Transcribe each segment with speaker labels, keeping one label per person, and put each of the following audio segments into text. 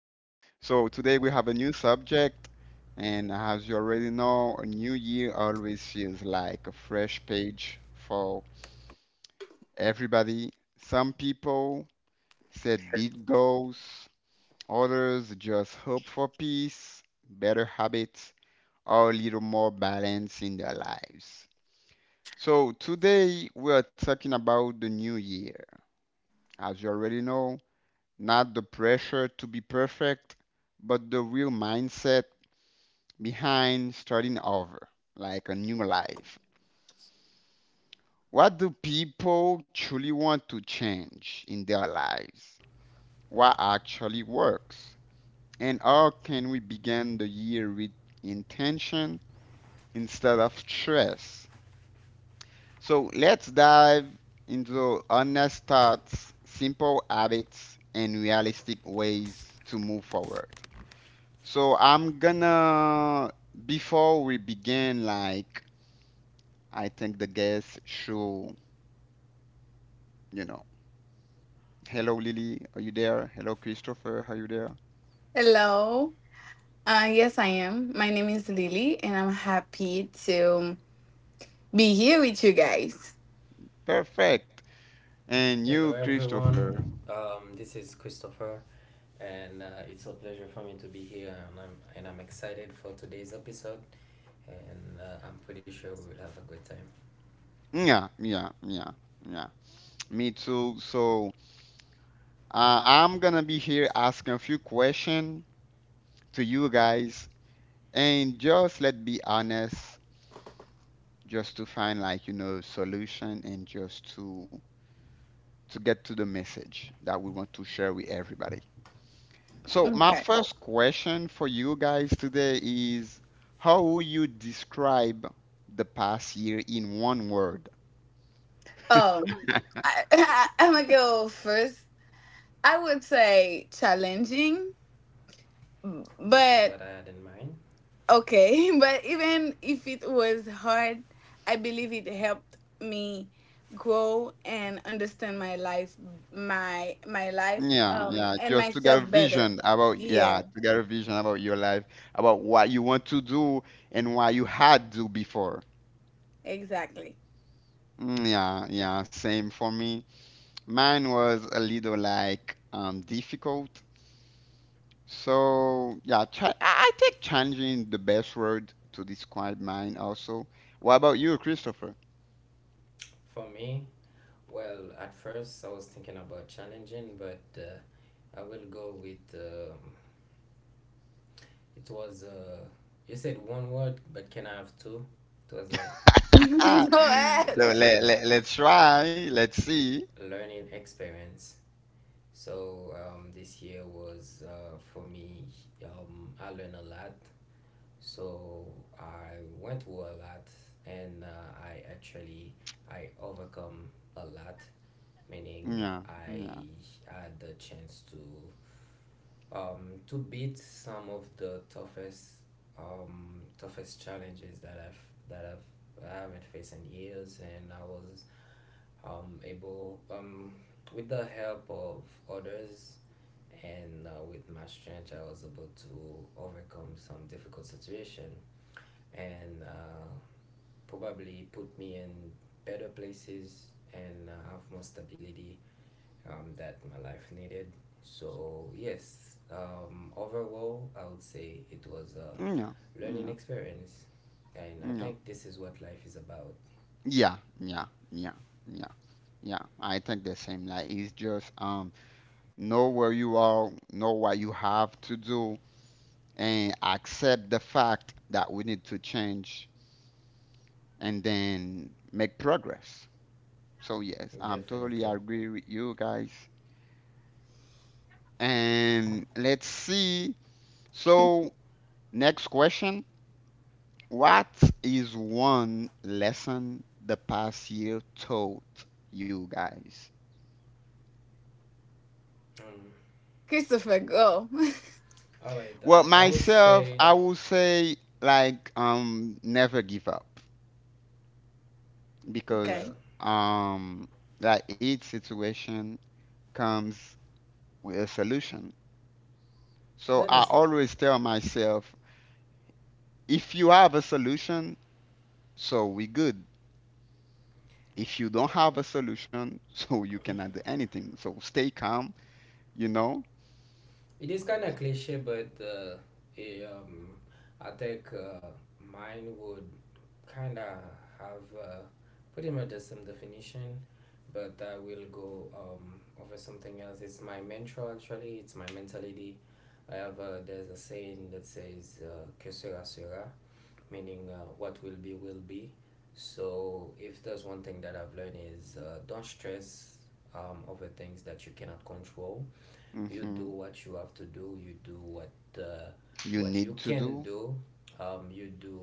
Speaker 1: So today we have a new subject, and as you already know, a new year always feels like a fresh page for everybody. Some people set big goals, others just hope for peace, better habits, or a little more balance in their lives. So today we are talking about the new year. As you already know, not the pressure to be perfect, but the real mindset behind starting over, like a new life. What do people truly want to change in their lives? What actually works? And how can we begin the year with intention instead of stress? So let's dive into honest thoughts, simple habits, and realistic ways to move forward. So I'm gonna, before we begin, like, I think the guests should, you know, hello Lily, are you there? Hello Christopher, are you there? Perfect. And you,
Speaker 2: Hello,
Speaker 1: Christopher.
Speaker 2: everyone. This is Christopher, and it's a pleasure for me to be here. And I'm excited for today's episode, and I'm pretty sure we will have a good time.
Speaker 1: Yeah, yeah, yeah, yeah. Me too. So I'm gonna be here asking a few questions to you guys, and just let's be honest, just to find like, solution and just to get to the message that we want to share with everybody. So my first question for you guys today is, how would you describe the past year in one word?
Speaker 2: This is what I had in mind
Speaker 1: Yeah, yeah, just to get a vision about, yeah, to get a vision about your life, about what you want to do and what you had to before. Mm, yeah, yeah, same for me. Mine was a little like difficult. So yeah, I think challenging the best word to describe mine also. What about you, Christopher?
Speaker 2: for me. Well, at first I was thinking about challenging, but I will go with. It was you said one word, but can I have two? It was a
Speaker 1: So
Speaker 2: it was
Speaker 1: let,
Speaker 2: a
Speaker 1: let, let's try. Let's see.
Speaker 2: learning experience. So this year was for me. I learned a lot. So I went through a lot, and I actually I overcome a lot. Meaning
Speaker 1: Yeah, yeah,
Speaker 2: I had the chance to beat some of the toughest toughest challenges that I haven't faced in years, and I was able with the help of others, and with my strength, I was able to overcome some difficult situation, and probably put me in better places, and have more stability that my life needed. So yes, overall, I would say it was a
Speaker 1: yeah,
Speaker 2: learning
Speaker 1: yeah,
Speaker 2: experience, and I
Speaker 1: yeah,
Speaker 2: think this is what life is about.
Speaker 1: yeah, yeah, yeah, yeah. Yeah, I think the same. Like it's just know where you are, know what you have to do, and accept the fact that we need to change, and then make progress. So yes, I'm totally
Speaker 2: Definitely.
Speaker 1: agree with you guys. And let's see. So next question. What is one lesson the past year taught you guys?
Speaker 2: um, All right,
Speaker 1: Well,
Speaker 2: I would
Speaker 1: myself,
Speaker 2: say,
Speaker 1: I will say like never give up,
Speaker 2: well,
Speaker 1: because um like each situation comes with a solution. So
Speaker 2: that
Speaker 1: I
Speaker 2: is,
Speaker 1: always tell myself, if you have a solution, so we good. If you don't have a solution, so you cannot do anything. So stay calm, you know.
Speaker 2: it is kind of cliche, but eh, um, I think mine would kind of have pretty much the same definition, but I will go over something else. It's my mentality. There's a saying that says, que sera sera, meaning what will be will be. So if there's one thing that I've learned is don't stress over things that you cannot control. You do
Speaker 1: Hmm.
Speaker 2: what you have to do. You do uh,
Speaker 1: You
Speaker 2: what you
Speaker 1: need to
Speaker 2: can
Speaker 1: do.
Speaker 2: do. You do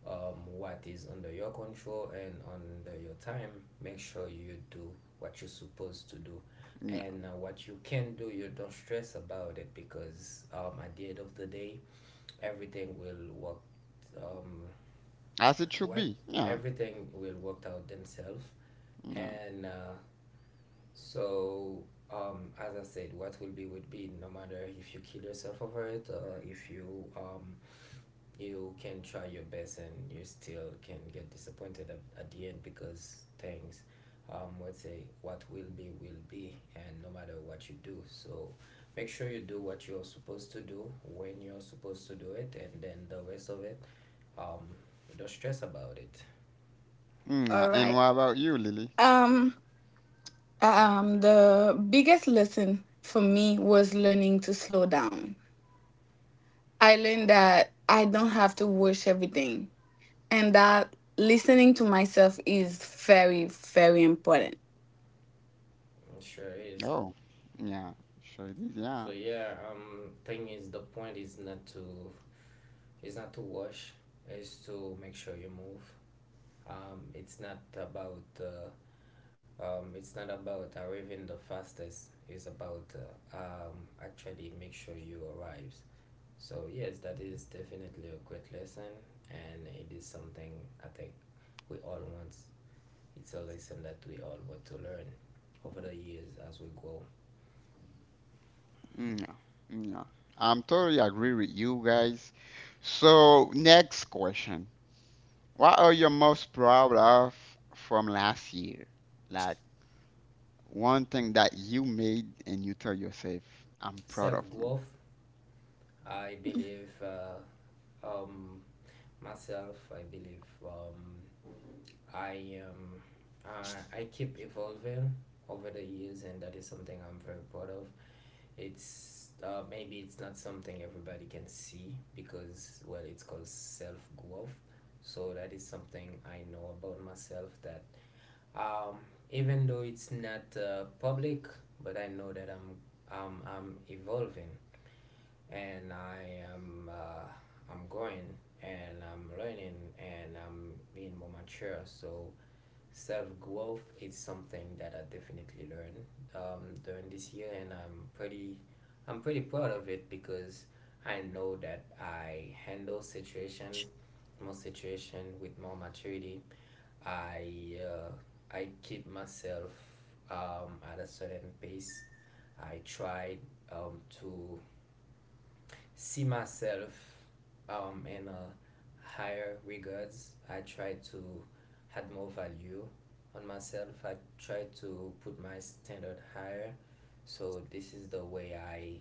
Speaker 2: what is under your control and under your time. Make sure you do what you're supposed to do,
Speaker 1: Yeah.
Speaker 2: and what you can do, you don't stress about it, because at the end of the day, everything will work. Um,
Speaker 1: As it should
Speaker 2: what
Speaker 1: be. Yeah,
Speaker 2: Everything will work out themselves.
Speaker 1: yeah.
Speaker 2: And so, as I said, what will be would be, no matter if you kill yourself over it, or if you you can try your best and you still can get disappointed at the end, because things, let's say, what will be will be, and no matter what you do. So make sure you do what you're supposed to do when you're supposed to do it, and then the rest of it, um, don't stress about it.
Speaker 1: Mm, yeah. And what about you, Lily?
Speaker 2: It sure is.
Speaker 1: Oh, yeah. Sure it is.
Speaker 2: So
Speaker 1: Yeah.
Speaker 2: yeah, thing is, the point is not to, wash, is to make sure you move. It's not about it's not about arriving the fastest. It's about actually make sure you arrives. So yes, that is definitely a great lesson, and it is something I think we all want. It's a lesson that we all want to learn over the years as we grow.
Speaker 1: Mm, yeah. Mm, yeah. I'm totally agree with you guys. So next question. What are you most proud of from last year? Like one thing that you made and you tell yourself, "I'm proud
Speaker 2: Self
Speaker 1: of me."
Speaker 2: growth, I believe. Um, Myself, I believe i um, I keep evolving over the years, and that is something I'm very proud of. It's Maybe it's not something everybody can see, because, well, it's called self growth. So that is something I know about myself, that um, even though it's not public, but I know that I'm evolving, and I am I'm growing, and I'm learning, and I'm being more mature. So self growth is something that I definitely learned during this year, and I'm pretty proud of it, because I know that I handle situation most situation with more maturity. I uh, I keep myself at a certain pace. I try to see myself in a higher regards. I try to add more value on myself. I try to put my standard higher. So this is the way I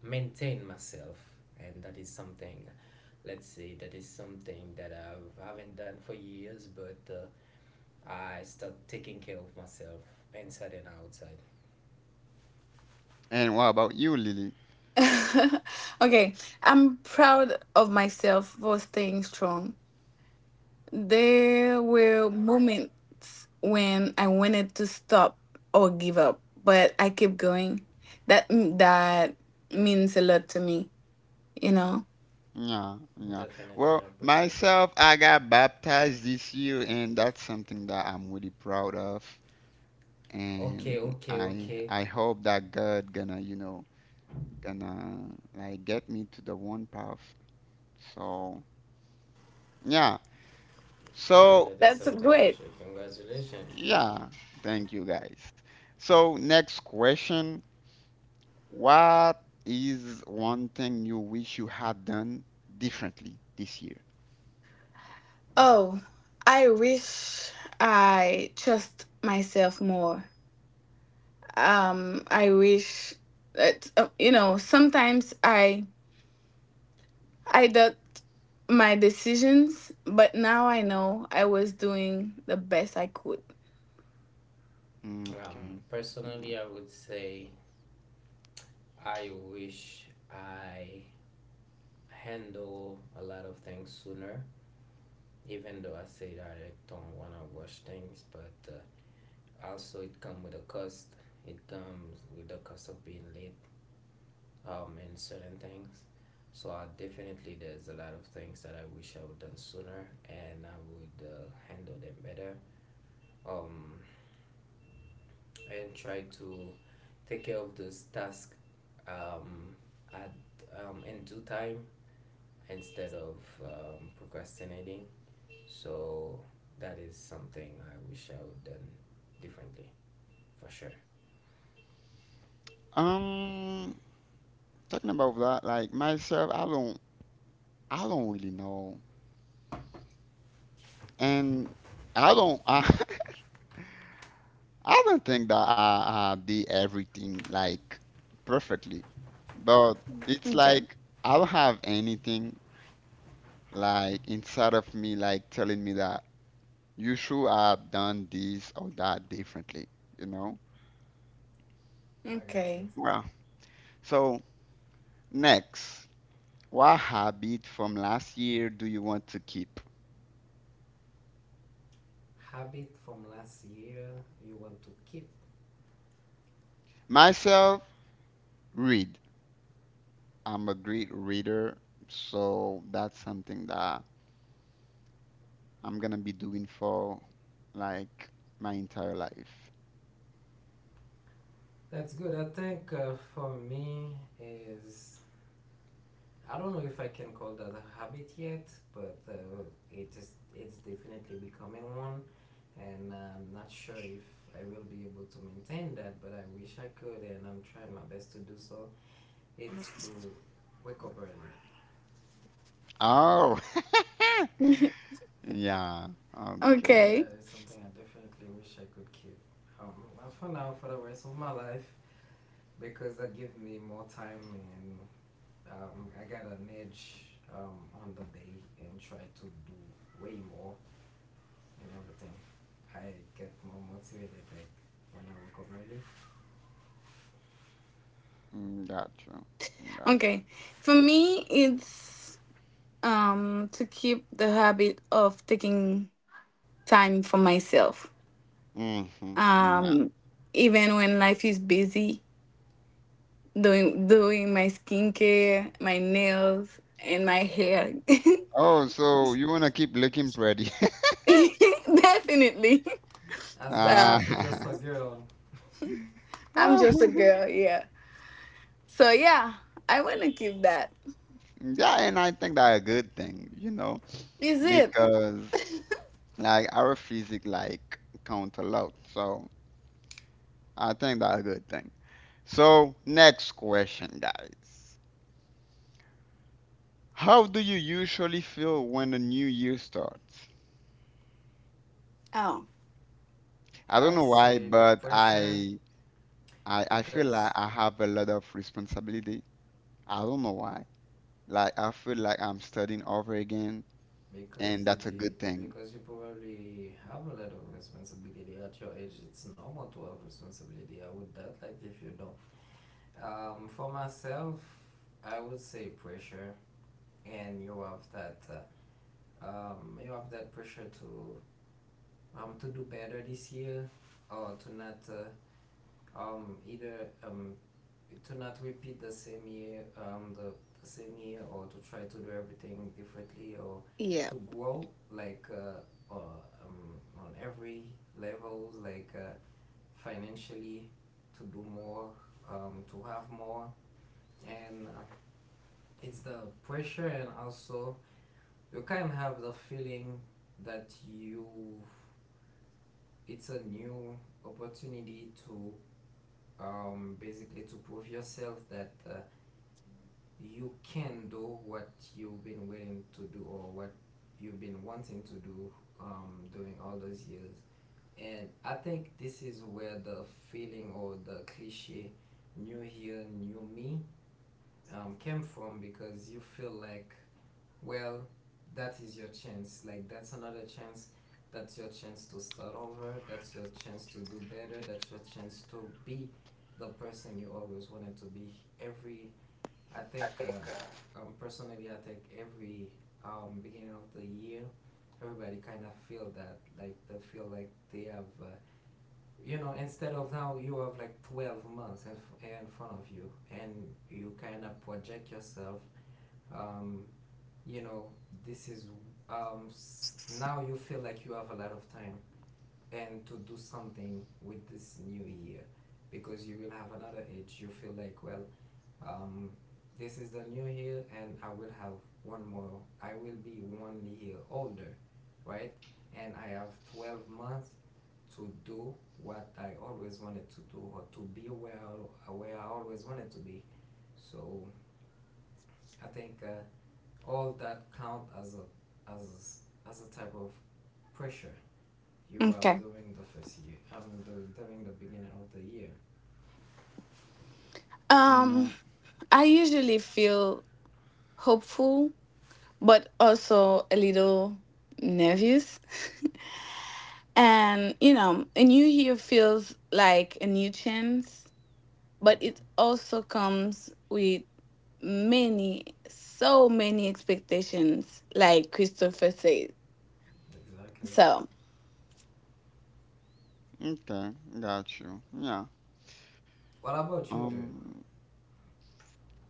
Speaker 2: maintain myself, and that is something. Let's say that is something that I haven't done for years, but I start taking care of myself inside and outside.
Speaker 1: And what about you, Lily? Yeah, yeah.
Speaker 2: Definitely, I
Speaker 1: Well,
Speaker 2: appreciate that.
Speaker 1: myself, I got baptized this year, and that's something that I'm really proud of.
Speaker 2: Okay,
Speaker 1: And
Speaker 2: okay,
Speaker 1: I
Speaker 2: okay.
Speaker 1: I hope that God gonna like get me to the one path. So yeah.
Speaker 2: That
Speaker 1: So
Speaker 2: is something you should. Congratulations.
Speaker 1: yeah. Thank you guys. So next question. What is one thing you wish you had done differently this year? Okay.
Speaker 2: Personally,
Speaker 1: Mm.
Speaker 2: I would say I wish I handle a lot of things sooner. Even though I say that I don't wanna rush things, but also it comes with a cost. It comes with the cost of being late in certain things. So I definitely, there's a lot of things that I wish I would done sooner, and I would handle them better. Um, and try to take care of this task um, at in due time instead of procrastinating. So that is something I wish I would done differently, for sure.
Speaker 1: Um, Talking about that, like myself, I don't really know, and I don't, I don't think that I did everything like perfectly, but it's like I don't have anything like inside of me like telling me that you should have done this or that differently, you know?
Speaker 2: I got you.
Speaker 1: Well, so next, what habit from last year do you want to keep?
Speaker 2: Habit from last year you want to keep.
Speaker 1: Myself, read. I'm a great reader, so that's something that I'm gonna be doing for like my entire life.
Speaker 2: That's good. I think for me is, I don't know if I can call that a habit yet, but it's definitely becoming one, and I'm not sure if I will be able to maintain that, but I wish I could, and I'm trying my best to do so. It's to wake up early.
Speaker 1: Oh, yeah. Okay.
Speaker 2: That is something I definitely wish I could keep. Not for now, for the rest of my life, because that gives me more time, and I got an edge on the day, and try to do way more and everything. I get more motivated like when I wake up early.
Speaker 1: Mm, gotcha. Gotcha. Mm-hmm. Yeah. Oh, so you wanna keep looking pretty.
Speaker 2: As they say,
Speaker 1: Ah.
Speaker 2: she's just a girl.
Speaker 1: Yeah, and I think that's a good thing, because like our physique like count a lot. So I think that's a good thing. So next question, guys. How do you usually feel when the new year starts? I
Speaker 2: I'd
Speaker 1: don't know why,
Speaker 2: say
Speaker 1: but
Speaker 2: pressure,
Speaker 1: I feel
Speaker 2: because
Speaker 1: like I have a lot of responsibility. I don't know why. Like I feel like I'm studying over again,
Speaker 2: because
Speaker 1: and that's a
Speaker 2: it
Speaker 1: good thing.
Speaker 2: because you probably have a lot of responsibility at your age. It's normal to have responsibility. I would doubt like if you don't. For myself, I would say pressure, and you have that pressure to do better this year, or to not either um, to not repeat the same year, the same year, or to try to do everything differently, or to grow like on every level, like financially, to do more, to have more, and it's the pressure, and also you can have the feeling that you it's a new opportunity to basically to prove yourself that you can do what you've been willing to do, or what you've been wanting to do during all those years. And I think this is where the feeling or the cliche "new year, new me" came from, because you feel like, well, that is your chance. Like, that's another chance. That's your chance to start over. That's your chance to do better. That's your chance to be the person you always wanted to be. Personally, I think every beginning of the year, everybody kind of feel that, like they feel like they have, instead of now you have like 12 months in front of you, and you kind of project yourself. Um, you know, this is now you feel like you have a lot of time and to do something with this new year, because you will have another age. You feel like, well, um, this is the new year, and I will have one more. I will be 1 year older, right? And I have 12 months to do what I always wanted to do, or to be where I always wanted to be. So I think all that count as a as as a type of pressure you have during the first year. I mean, during the beginning of the year.
Speaker 1: Yeah.
Speaker 2: Hmm. Exactly.
Speaker 1: Okay, got you. Yeah.
Speaker 2: What about you, dude?
Speaker 1: Um,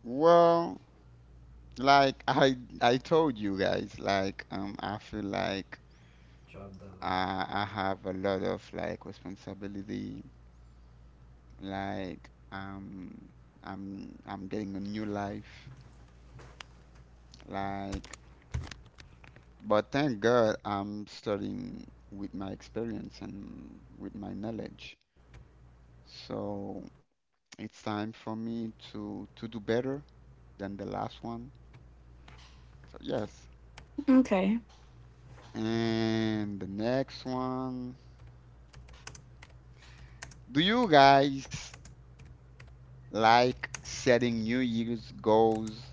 Speaker 1: well, like I told you guys, like I feel like
Speaker 2: Drop the like.
Speaker 1: I have a lot of like responsibility. Like I'm getting a new life. Like, but thank God I'm studying with my experience and with my knowledge. So it's time for me to do better than the last one. So yes. And the next one. Do you guys like setting New Year's goals,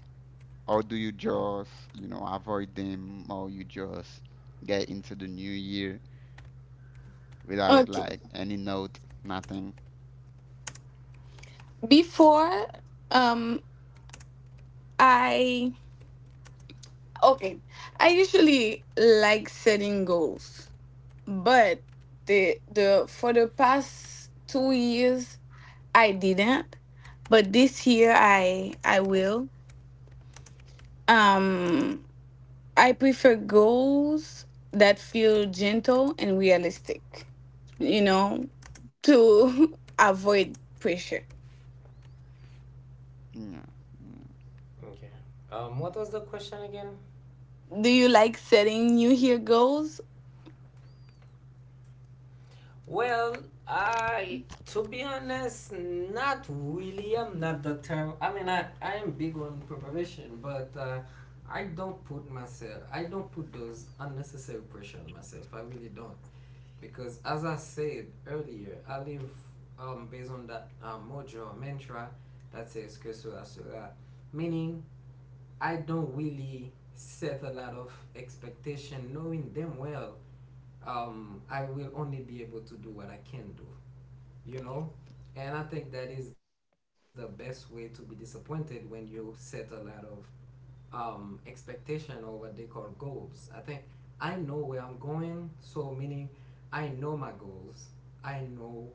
Speaker 1: or do you just, avoid them, or you just get into the new year without like any note, nothing. Yeah,
Speaker 2: Okay. What was the question again? Well, I, to be honest, not really. I'm not the term. I mean, I am big on preparation, but I don't put myself, I don't put those unnecessary pressure on myself. I really don't. Because as I said earlier, I live based on that mojo mantra that says que sera sera, meaning I don't really set a lot of expectation, knowing them well, I will only be able to do what I can do, you know? And I think that is the best way to be disappointed when you set a lot of expectation or what they call goals. I think I know where I'm going, so meaning I know my goals, I know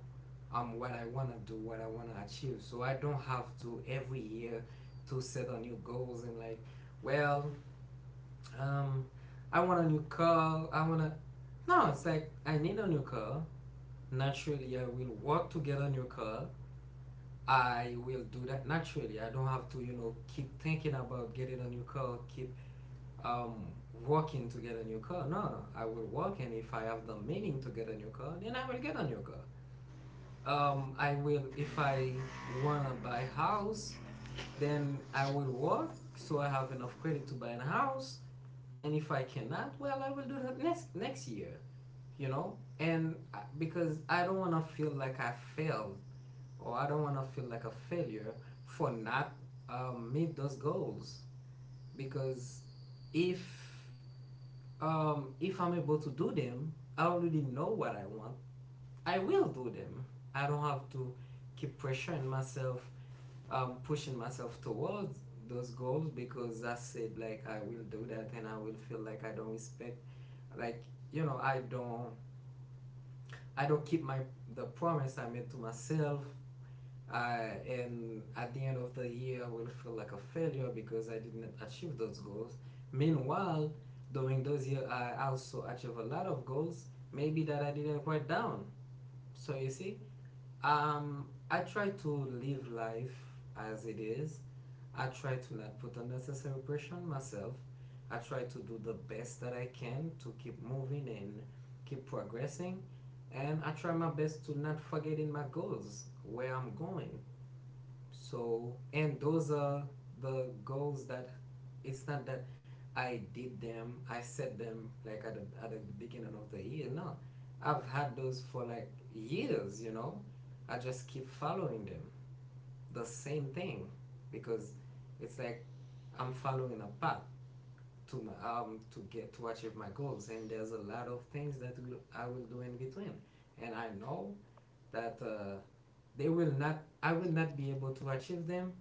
Speaker 2: what I want to do, what I want to achieve. So I don't have to every year to set on new goals, and like, well, um, I want a new car, I want to. No, it's like I need a new car. Naturally, I will work to get a new car. I will do that naturally. I don't have to, keep thinking about getting a new car, keep um, working to get a new car. No, I will work, and if I have the meaning to get a new car, then I will get a new car. I will, if I wanna buy a house, then I will work so I have enough credit to buy a house. And if I cannot, well, I will do that next year, And Because I don't wanna feel like I failed, or I don't want to feel like a failure for not meet those goals, because if if I'm able to do them, I already know what I want. I will do them. I don't have to keep pressuring myself, pushing myself towards those goals, because I said like I will do that and I will feel like I don't respect, like, you know I don't I don't keep my the promise I made to myself I And at the end of the year I will feel like a failure because I didn't achieve those goals. Meanwhile, during those years I also achieved a lot of goals, maybe that I didn't write down. So you see, I try to live life as it is. I try to not put unnecessary pressure on myself. I try to do the best that I can to keep moving and keep progressing, and I try my best to not forgetting my goals, where I'm going. So and those are the goals that, it's not that I set them like at the beginning of the year. No, I've had those for like years. I just keep following them, the same thing, because it's like I'm following a path to get to achieve my goals, and there's a lot of things that will I will do in between. And I know that they will not I will not be able to achieve them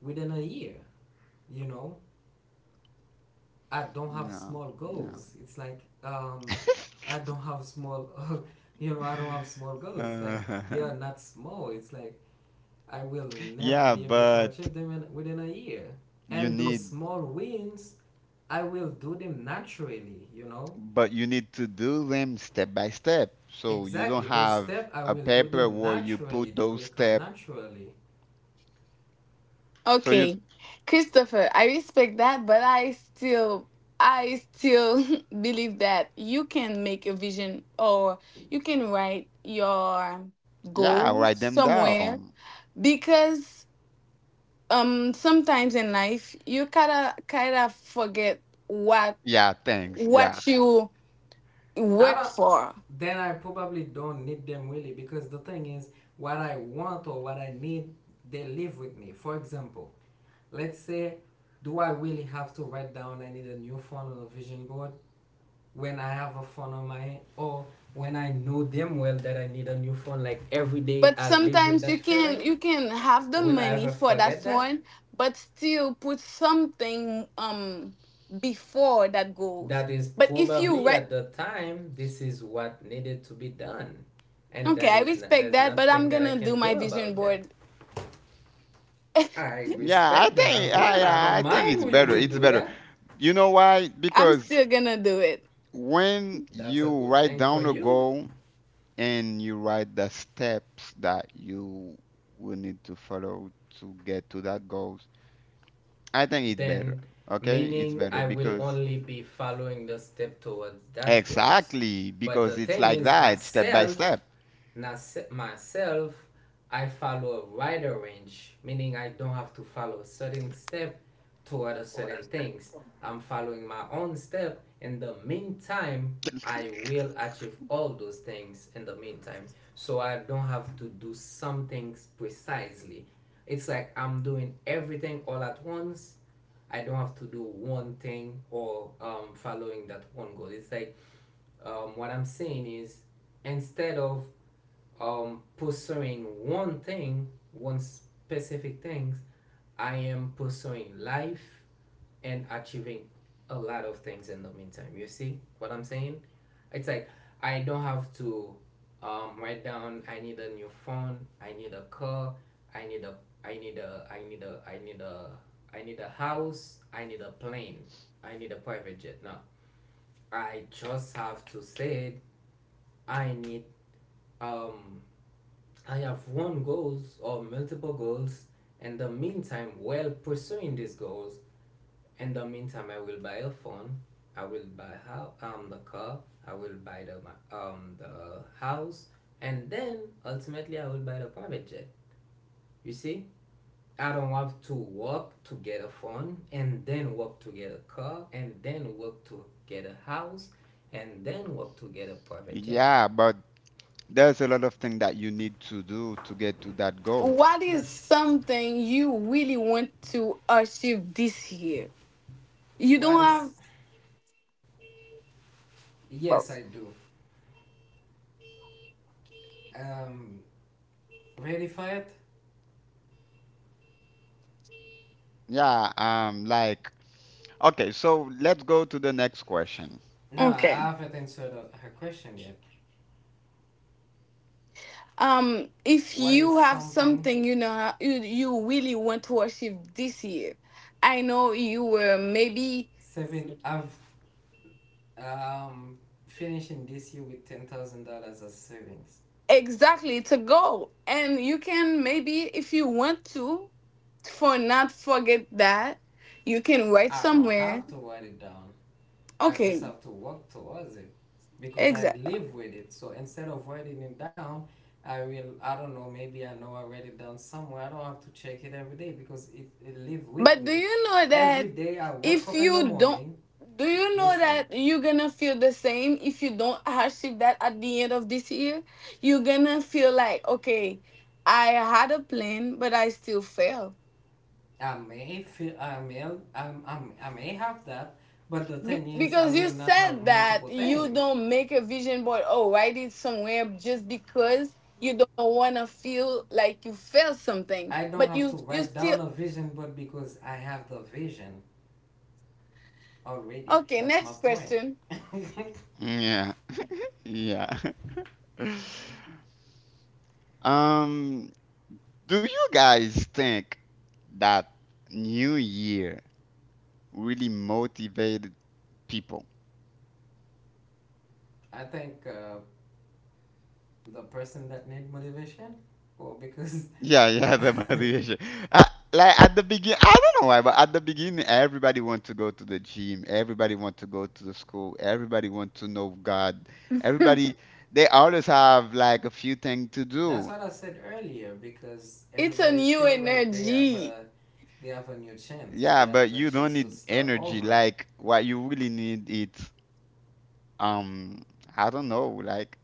Speaker 2: within a year you know I don't have
Speaker 1: yeah,
Speaker 2: small
Speaker 1: yeah.
Speaker 2: goals, it's like, I don't have small I don't have small goals, it's like,
Speaker 1: Yeah.
Speaker 2: they are not small, it's like, I will never
Speaker 1: Yeah,
Speaker 2: be able to
Speaker 1: but
Speaker 2: achieve them within a year.
Speaker 1: you
Speaker 2: And those
Speaker 1: need,
Speaker 2: small wins I will do them naturally.
Speaker 1: but you need to do them step by step. So you
Speaker 2: Exactly,
Speaker 1: don't
Speaker 2: those
Speaker 1: have
Speaker 2: steps I
Speaker 1: a
Speaker 2: will do
Speaker 1: paper
Speaker 2: them
Speaker 1: where you
Speaker 2: naturally,
Speaker 1: put
Speaker 2: they
Speaker 1: those
Speaker 2: will come
Speaker 1: steps.
Speaker 2: naturally.
Speaker 1: So you, yeah, write them down. Yeah, thanks. Yeah.
Speaker 2: I don't then I probably don't need them, really, because the thing is, what I want or what I need, they live with me. For example, let's say, do I really have to write down I need a new phone on a vision board when I have a phone on my hand, or when I know them well that I need a new phone? Like every day, I live with that feeling. Will I ever forget that? That is probably at the time, this is what needed to be done. And that is not, there's nothing that I can do about that. I
Speaker 1: Yeah, I
Speaker 2: respect that
Speaker 1: think
Speaker 2: as
Speaker 1: yeah,
Speaker 2: well. I
Speaker 1: yeah,
Speaker 2: don't
Speaker 1: I think
Speaker 2: mind
Speaker 1: it's
Speaker 2: when
Speaker 1: better.
Speaker 2: you
Speaker 1: It's
Speaker 2: do
Speaker 1: better.
Speaker 2: that.
Speaker 1: You know why? Because when
Speaker 2: That's a
Speaker 1: you
Speaker 2: good
Speaker 1: write
Speaker 2: thing for
Speaker 1: down a
Speaker 2: you.
Speaker 1: goal, and you write the steps that you will need to follow to get to that goals, I think it's better.
Speaker 2: Then,
Speaker 1: Okay, it's
Speaker 2: meaning
Speaker 1: better,
Speaker 2: I
Speaker 1: right.
Speaker 2: will
Speaker 1: because
Speaker 2: only be following the step towards that goals.
Speaker 1: Exactly,
Speaker 2: But
Speaker 1: because
Speaker 2: the
Speaker 1: it's
Speaker 2: thing
Speaker 1: like
Speaker 2: is
Speaker 1: that, step by
Speaker 2: myself,
Speaker 1: step.
Speaker 2: myself, I follow a wider range, meaning I don't have to follow a certain step toward a certain things. I'm following my own step. In the meantime, I will achieve all those things in the meantime. So I don't have to do some things precisely. It's like I'm doing everything all at once. I don't have to do one thing, or following that one goal. It's like, what I'm saying is, instead of pursuing one thing, one specific things, I am pursuing life and achieving a lot of things in the meantime. You see what I'm saying? It's like, I don't have to write down I need a new phone, I need a car, I need a I need a I need a I need a I need a house, I need a plane, I need a private jet. No. I just have to say I need, um I have one goals or multiple goals, in the meantime while pursuing these goals. In the meantime, I will buy a phone. I will buy how the car. I will buy the house, and then ultimately I will buy the private jet. You see, I don't want to work to get a phone, and then work to get a car, and then work to get a house, and then work to get a private jet.
Speaker 1: Yeah, but there's a lot of things that you need to do to get to that goal.
Speaker 2: That's what is. Yes, I do. Um, Ready for it?
Speaker 1: Yeah. Like, okay, so let's go to the next question.
Speaker 2: No, I haven't answered her question yet. What is something. Seven. I've um finishing this year with $10,000 as savings. I don't have to write it down. I just have to work towards it because I live with it. So instead of writing it down, I will. I don't know. Maybe I know I write it down somewhere. I don't have to check it every day, because it live with me. Every day I wake up in the morning. Listen, I may feel. I may. I'm, I may have that. But the thing is, I will not have multiple things. I don't have to write down a vision, but because I have the vision already. That's my point.
Speaker 1: Yeah, yeah. um Do you guys think that New Year really motivated people?
Speaker 2: I think the person that need motivation, well, because
Speaker 1: Yeah, yeah, the motivation. Uh, like at the beginning, I don't know why, but at the beginning, everybody want to go to the gym, everybody want to go to the school, everybody want to know God, everybody they always have like a few things to
Speaker 2: that's
Speaker 1: do.
Speaker 2: what I said earlier. Because everybody feel like they have a new chance. They
Speaker 1: Yeah,
Speaker 2: have
Speaker 1: but
Speaker 2: the
Speaker 1: you
Speaker 2: chance
Speaker 1: don't
Speaker 2: to
Speaker 1: need
Speaker 2: start
Speaker 1: energy.
Speaker 2: over.
Speaker 1: Like what you really need is um I don't know, like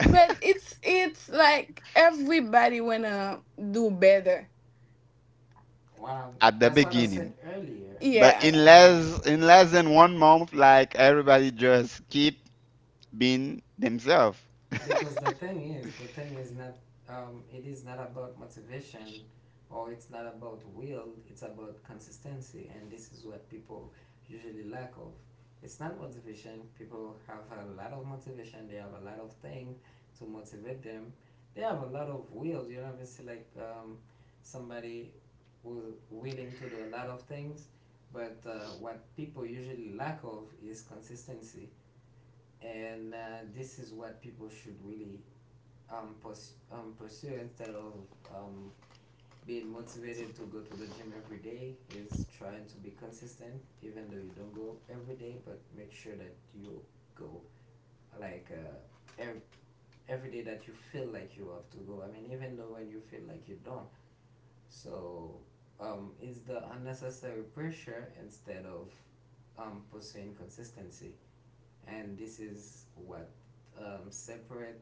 Speaker 2: Well,
Speaker 1: at the
Speaker 2: that's what I said
Speaker 1: beginning.
Speaker 2: earlier.
Speaker 1: But in
Speaker 2: Um,
Speaker 1: less in less than one month, like everybody just keep being themselves.
Speaker 2: because the thing is not, it is not about motivation, or it's not about will, it's about consistency, and this is what people usually lack of. It's not motivation, people have a lot of motivation, they have a lot of things to motivate them, they have a lot of will, obviously, like, somebody who's willing to do a lot of things, but what people usually lack of is consistency. And this is what people should really pursue, instead of um, being motivated to go to the gym every day, is trying to be consistent, even though you don't go every day, but make sure that you go like, every day that you feel like you have to go. I mean, even though when you feel like you don't. So it's the unnecessary pressure, instead of pursuing consistency. And this is what separate.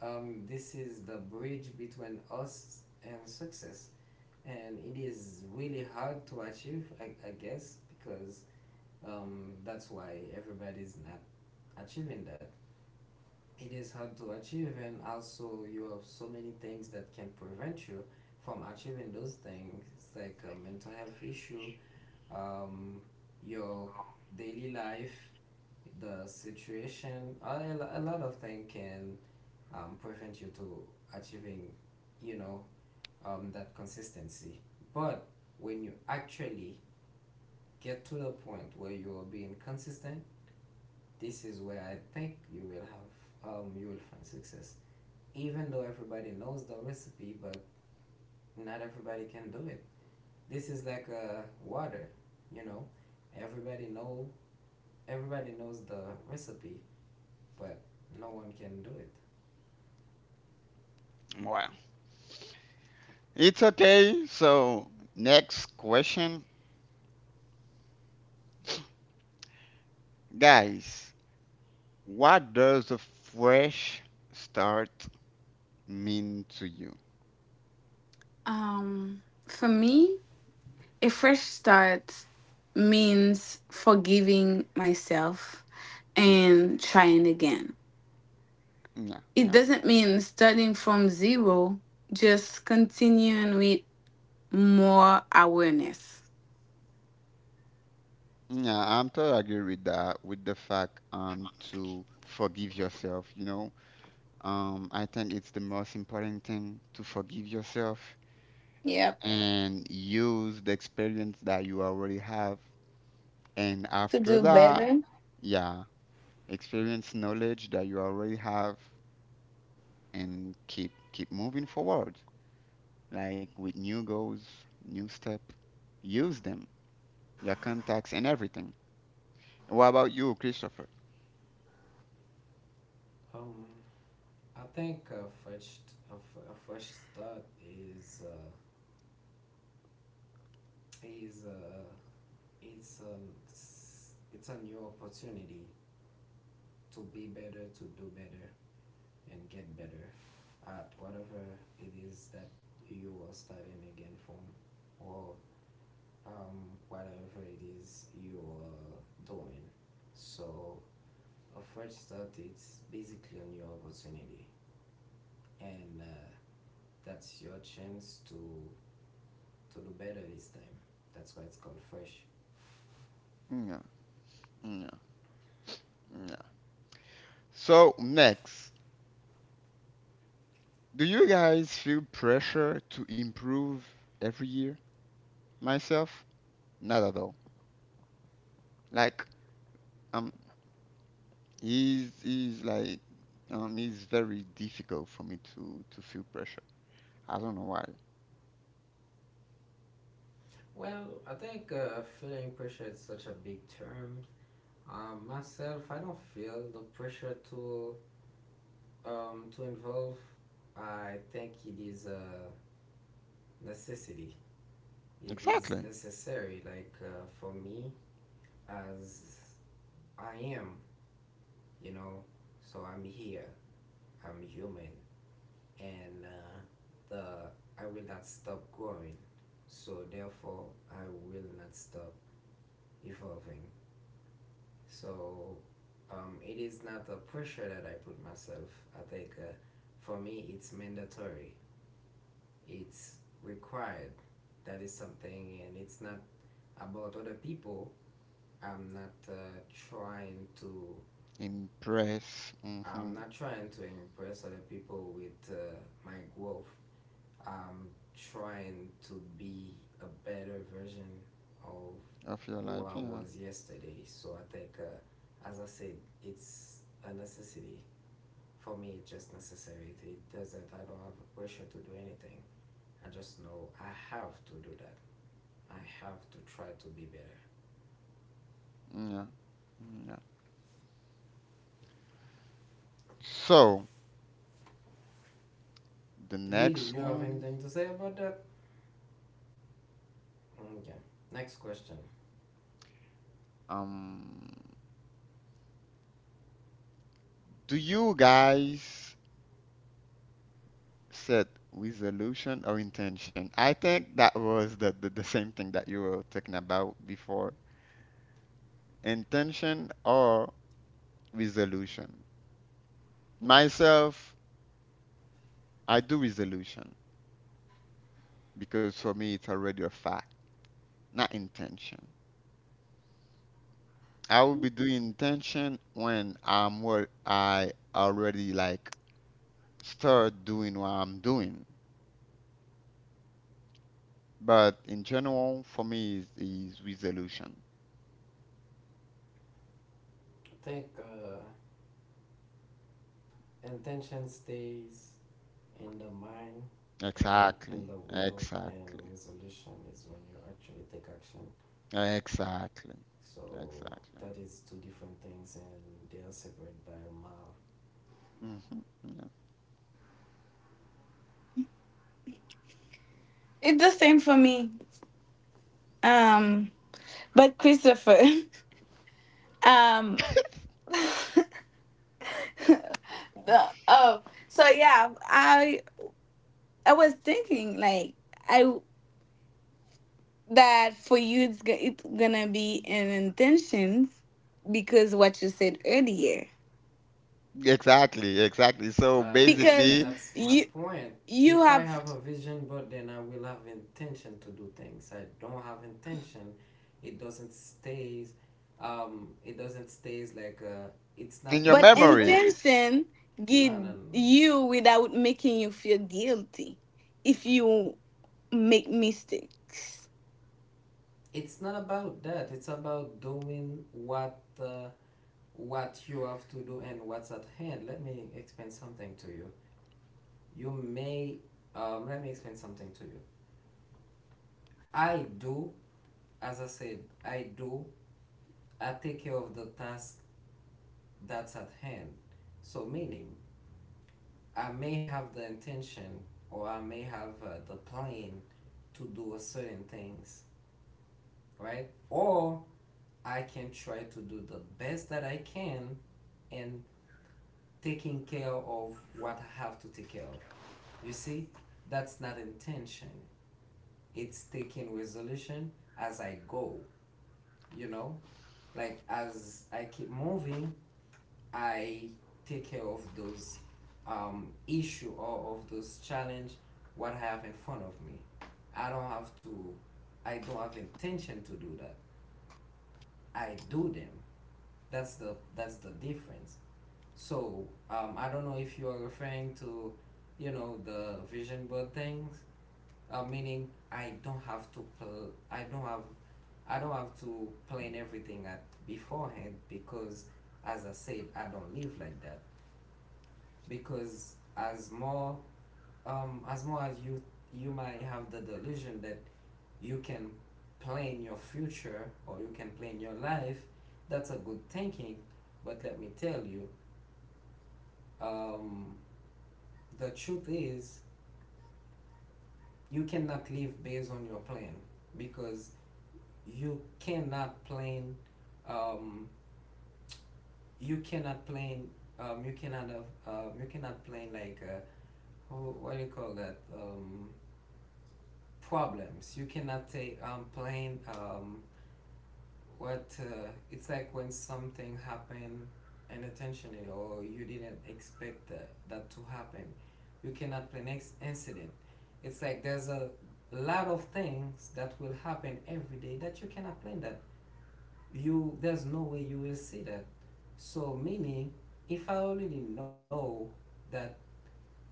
Speaker 2: This is the bridge between us and success, and it is really hard to achieve, I guess, because that's why everybody's not achieving that. It is hard to achieve, and also you have so many things that can prevent you from achieving those things. It's like a mental health issue, um, your daily life, the situation, a lot of things can prevent you to achieving, you know that consistency. But when you actually get to the point where you are being consistent, this is where I think you will find success. Even though everybody knows the recipe, but not everybody can do it. This is like, water. you know everybody know everybody knows the recipe, but no one can do it.
Speaker 1: Well, it's okay. So next question, guys. What does a fresh start mean to you? Mm, yeah, yeah, yeah. I'm totally agree with that. With the fact to forgive yourself. You know, I think it's the most important thing to forgive yourself and use the experience that you already have. And after, yeah, that, yeah, experience knowledge that you already have, and keep moving forward. Like with new goals, new step, use them, your contacts and everything. What about you, Christopher?
Speaker 2: Um, I think a first, a first step is uh, it's a new opportunity to be better, to do better, and get better at whatever it is that you are starting again from, or whatever it is you are doing. So a first start, it's basically a new opportunity, and that's your chance to do better this time. That's why it's called fresh.
Speaker 1: Yeah, yeah, yeah. So next, do you guys feel pressure to improve every year? Myself, not at all. Like I'm He's he's like he's very difficult for me to feel pressure. I don't know why.
Speaker 2: Well, I think feeling pressure is such a big term. Myself, I don't feel the pressure to involve. I think it is a necessity. It is
Speaker 1: Exactly.
Speaker 2: necessary, like, for me, as I am, you know. So I'm here. I'm human, and the I will not stop growing. So therefore, I will not stop evolving. So it is not a pressure that I put myself. I think for me, it's mandatory. It's required. That is something, and it's not about other people. I'm not trying to.
Speaker 1: Impress. Hmm.
Speaker 2: I'm not trying to impress other people with my growth. I'm trying to be a better version of
Speaker 1: Of your
Speaker 2: who I
Speaker 1: life. Yeah.
Speaker 2: was yesterday. So I think, as I said, it's a necessity for me. It's just necessary. It doesn't. I don't have a pressure to do anything. I just know I have to do that. I have to try to be better.
Speaker 1: Yeah. Yeah. So the
Speaker 2: Lily, you
Speaker 1: next
Speaker 2: have
Speaker 1: one,
Speaker 2: anything to say about that? Okay. Next question.
Speaker 1: um, do you guys set resolution or intention? I think that was the same thing that you were talking about before. Intention or resolution. Myself, I do resolution, because for me it's already a fact, not intention. I will be doing intention when I'm what I already like start doing what I'm doing. But in general, for me is resolution.
Speaker 2: I think intention stays in the mind and in
Speaker 1: Exactly,
Speaker 2: the will, and
Speaker 1: exactly,
Speaker 2: resolution is when you actually take action.
Speaker 1: exactly,
Speaker 2: So
Speaker 1: exactly.
Speaker 2: that is two different things, and they are separate by a mile.
Speaker 1: Hmm. Yeah. Exactly, exactly. So
Speaker 2: I
Speaker 1: basically,
Speaker 2: that's my point. If I have a vision board, then I will have intention to do things. I don't have intention, it doesn't stays it doesn't stays like a. It's not
Speaker 1: in
Speaker 2: a
Speaker 1: your
Speaker 2: will.
Speaker 1: memory,
Speaker 2: No, no, no. It's not about that. It's about doing what you have to do and what's at hand. Let me explain something to you. You may Let me explain something to you. I do as i said i do I take care of the task that's at hand. So meaning I may have the intention, or I may have the plan to do a certain things, right? Or I can try to do the best that I can and taking care of what I have to take care of. You see, that's not intention. It's taking resolution as I go, you know, like as I keep moving, I take care of those issue or of those challenge what I have in front of me. I don't have to. I don't have intention to do that. I do them. That's the difference. So I don't know if you are referring to, you know, the vision board things. Meaning I don't have to. I don't have to plan everything at beforehand because, as I said, I don't live like that. Because as more as more as you, you might have the delusion that you can plan your future or you can plan your life. That's a good thinking. But let me tell you, um, the truth is you cannot live based on your plan, because you cannot plan, um, you cannot play, you cannot have you cannot play like what do you call that, problems you cannot take playing. What It's like when something happened unintentionally or you didn't expect that to happen, you cannot play next incident. It's like there's a lot of things that will happen every day that you cannot plan that. You there's no way you will see that. So meaning if I already know that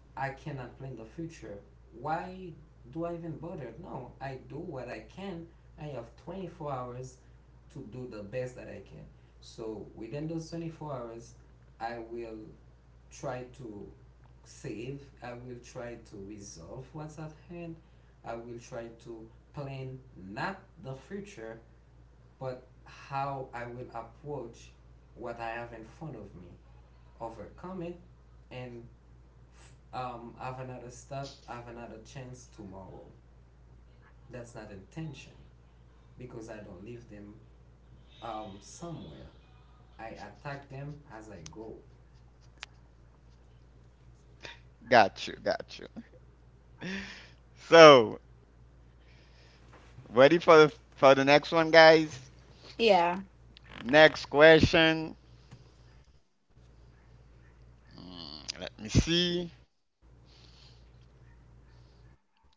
Speaker 2: I cannot plan the future, why do I even bother? No, I do what I can. I have 24 hours to do the best that I can. So within those 24 hours, I will try to save I will try to resolve what's at hand. I will try to plan not the future, but how I will approach what I have in front of me, overcome it, and have another step, have another chance tomorrow. That's not intention, because I don't leave them somewhere. I attack them as I go.
Speaker 1: got you, got you. So ready for the next one, guys? Next question. Mm, let me see.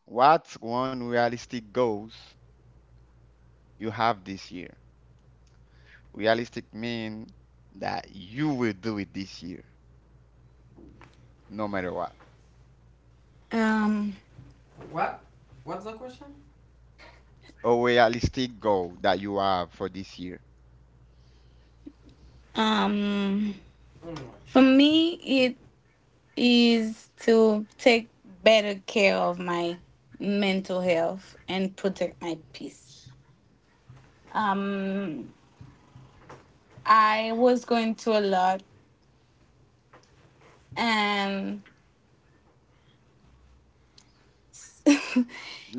Speaker 1: What's one realistic goals you have this year? Realistic means that you will do it this year, no matter what.
Speaker 2: What? What's the question?
Speaker 1: A realistic goal that you have for this year.
Speaker 2: Mm.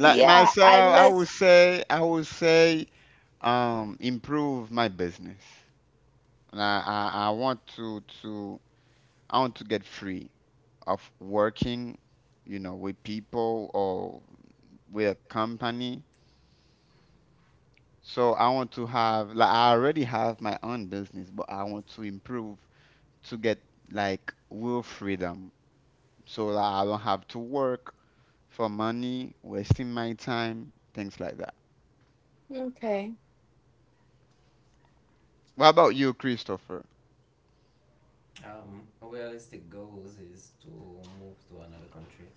Speaker 1: Like myself, I would say, improve my business. And I want I want to get free of working, with people or with a company. So I want to have like I already have my own business, but I want to improve to get like real freedom, so that I don't have to work for money, wasting my time, things like that. What about you, Christopher?
Speaker 2: Realistic goals is to move to another country,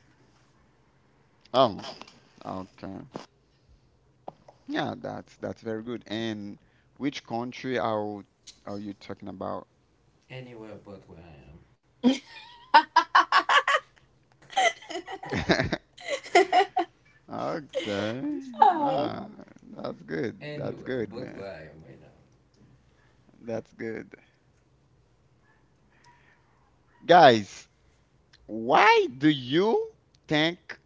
Speaker 1: Oh, okay. Yeah, that's very good. And which country are you talking about?
Speaker 2: anywhere but where I am,
Speaker 1: Okay. Ah, that's good. That's
Speaker 2: anywhere
Speaker 1: good,
Speaker 2: but
Speaker 1: man.
Speaker 2: where I am right now.
Speaker 1: That's good. Guys, why do you think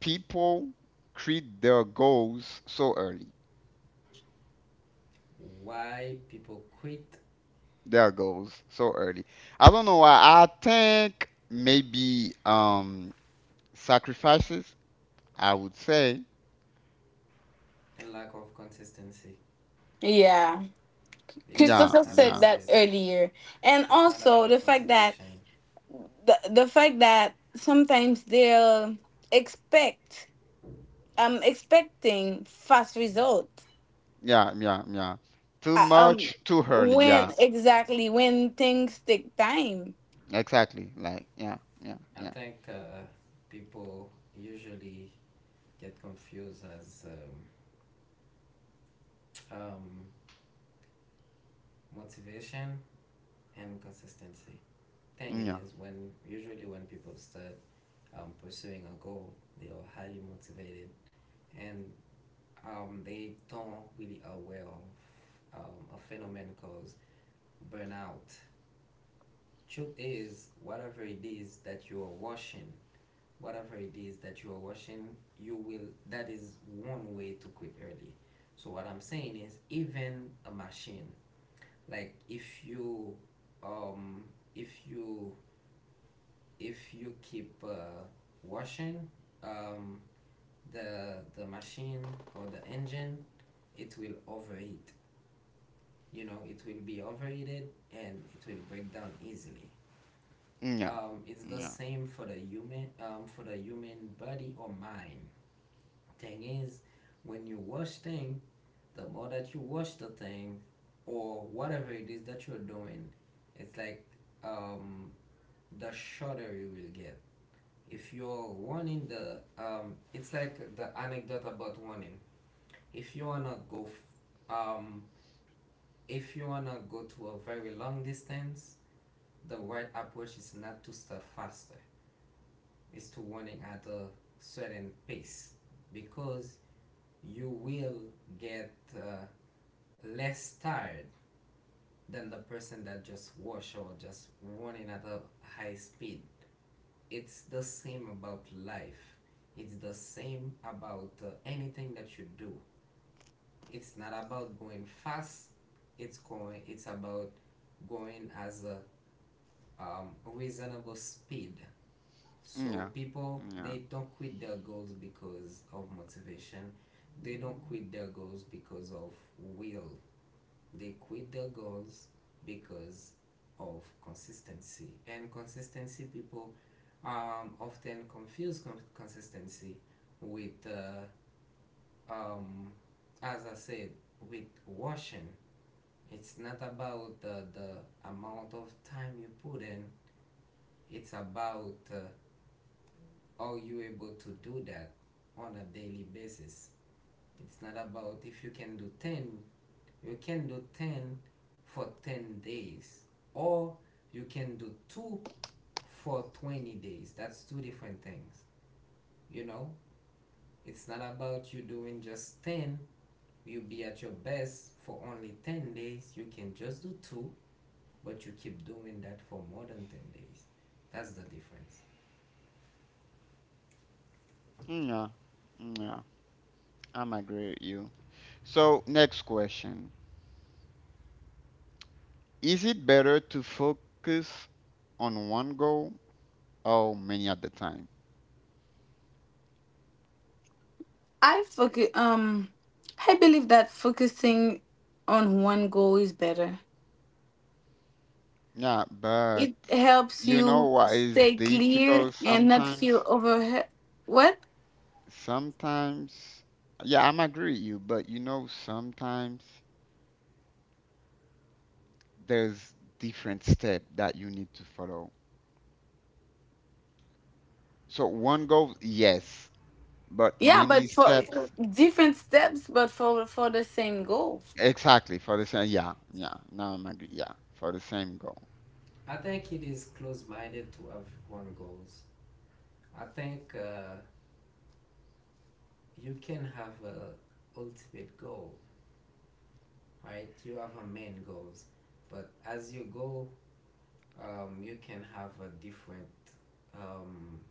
Speaker 1: people create their goals so early?
Speaker 2: Why people quit,
Speaker 1: Their goals so early. I don't know why. I think maybe sacrifices, I would say.
Speaker 2: a lack of consistency,
Speaker 1: Yeah,
Speaker 2: because, as I
Speaker 1: yeah,
Speaker 2: said, it's not about motivation.
Speaker 1: yeah, yeah, yeah. Too much, too early. Yeah, exactly. Like, yeah, yeah, yeah,
Speaker 2: I think people usually get confused as um, um, motivation and consistency.
Speaker 1: yeah,
Speaker 2: Thing
Speaker 1: yeah,
Speaker 2: is, when usually when people start pursuing a goal, they are highly motivated and they don't really aware of a phenomenon called burnout. Truth is, whatever it is that you are washing whatever it is that you are washing you will that is one way to quit early. So what I'm saying is even a machine, like if you um if you if you keep washing um the machine or the engine, it will overheat. You know, it will be overheated and it will break down easily.
Speaker 1: yeah,
Speaker 2: It's the same for the human body or mind. Thing is, when you wash thing, the more that you wash the thing, or whatever it is that you're doing, it's like um, the shorter you will get. If you're running it's like the anecdote about running. If you wanna go, if you wanna go to a very long distance, the right approach is not to start faster. It's to running at a certain pace, because you will get less tired than the person that just wash or just running at a high speed. It's the same about life. It's the same about anything that you do. It's not about going fast. It's going. It's about going as a reasonable speed.
Speaker 1: yeah,
Speaker 2: So people
Speaker 1: yeah,
Speaker 2: they don't quit their goals because of motivation. They don't quit their goals because of will. They quit their goals because of consistency. And consistency, people often confuse consistency with, um, as I said, with washing. It's not about the amount of time you put in, it's about are you able to do that on a daily basis. It's not about if you can do 10 You can do 10 for 10 days, or you can do 2 for 20 days. That's two different things. You know, it's not about you doing just 10. You'll be at your best for only 10 days. You can just do 2, but you keep doing that for more than 10 days. That's the difference.
Speaker 1: yeah, yeah. I'm agree with you. So next question. Is it better to focus on one goal or many at the time? Yeah, but you know what is difficult sometimes? Sometimes, yeah, I'm agree with you, but you know, sometimes there's different step that you need to follow. So one goal, yes, but many steps, exactly for the same. Yeah, yeah. Now I'm agree. Yeah, for the same goal,
Speaker 2: I think it is close minded to have one goals. I think you can have a ultimate goal, right? You have a main goals, but as you go, you can have a different. Um,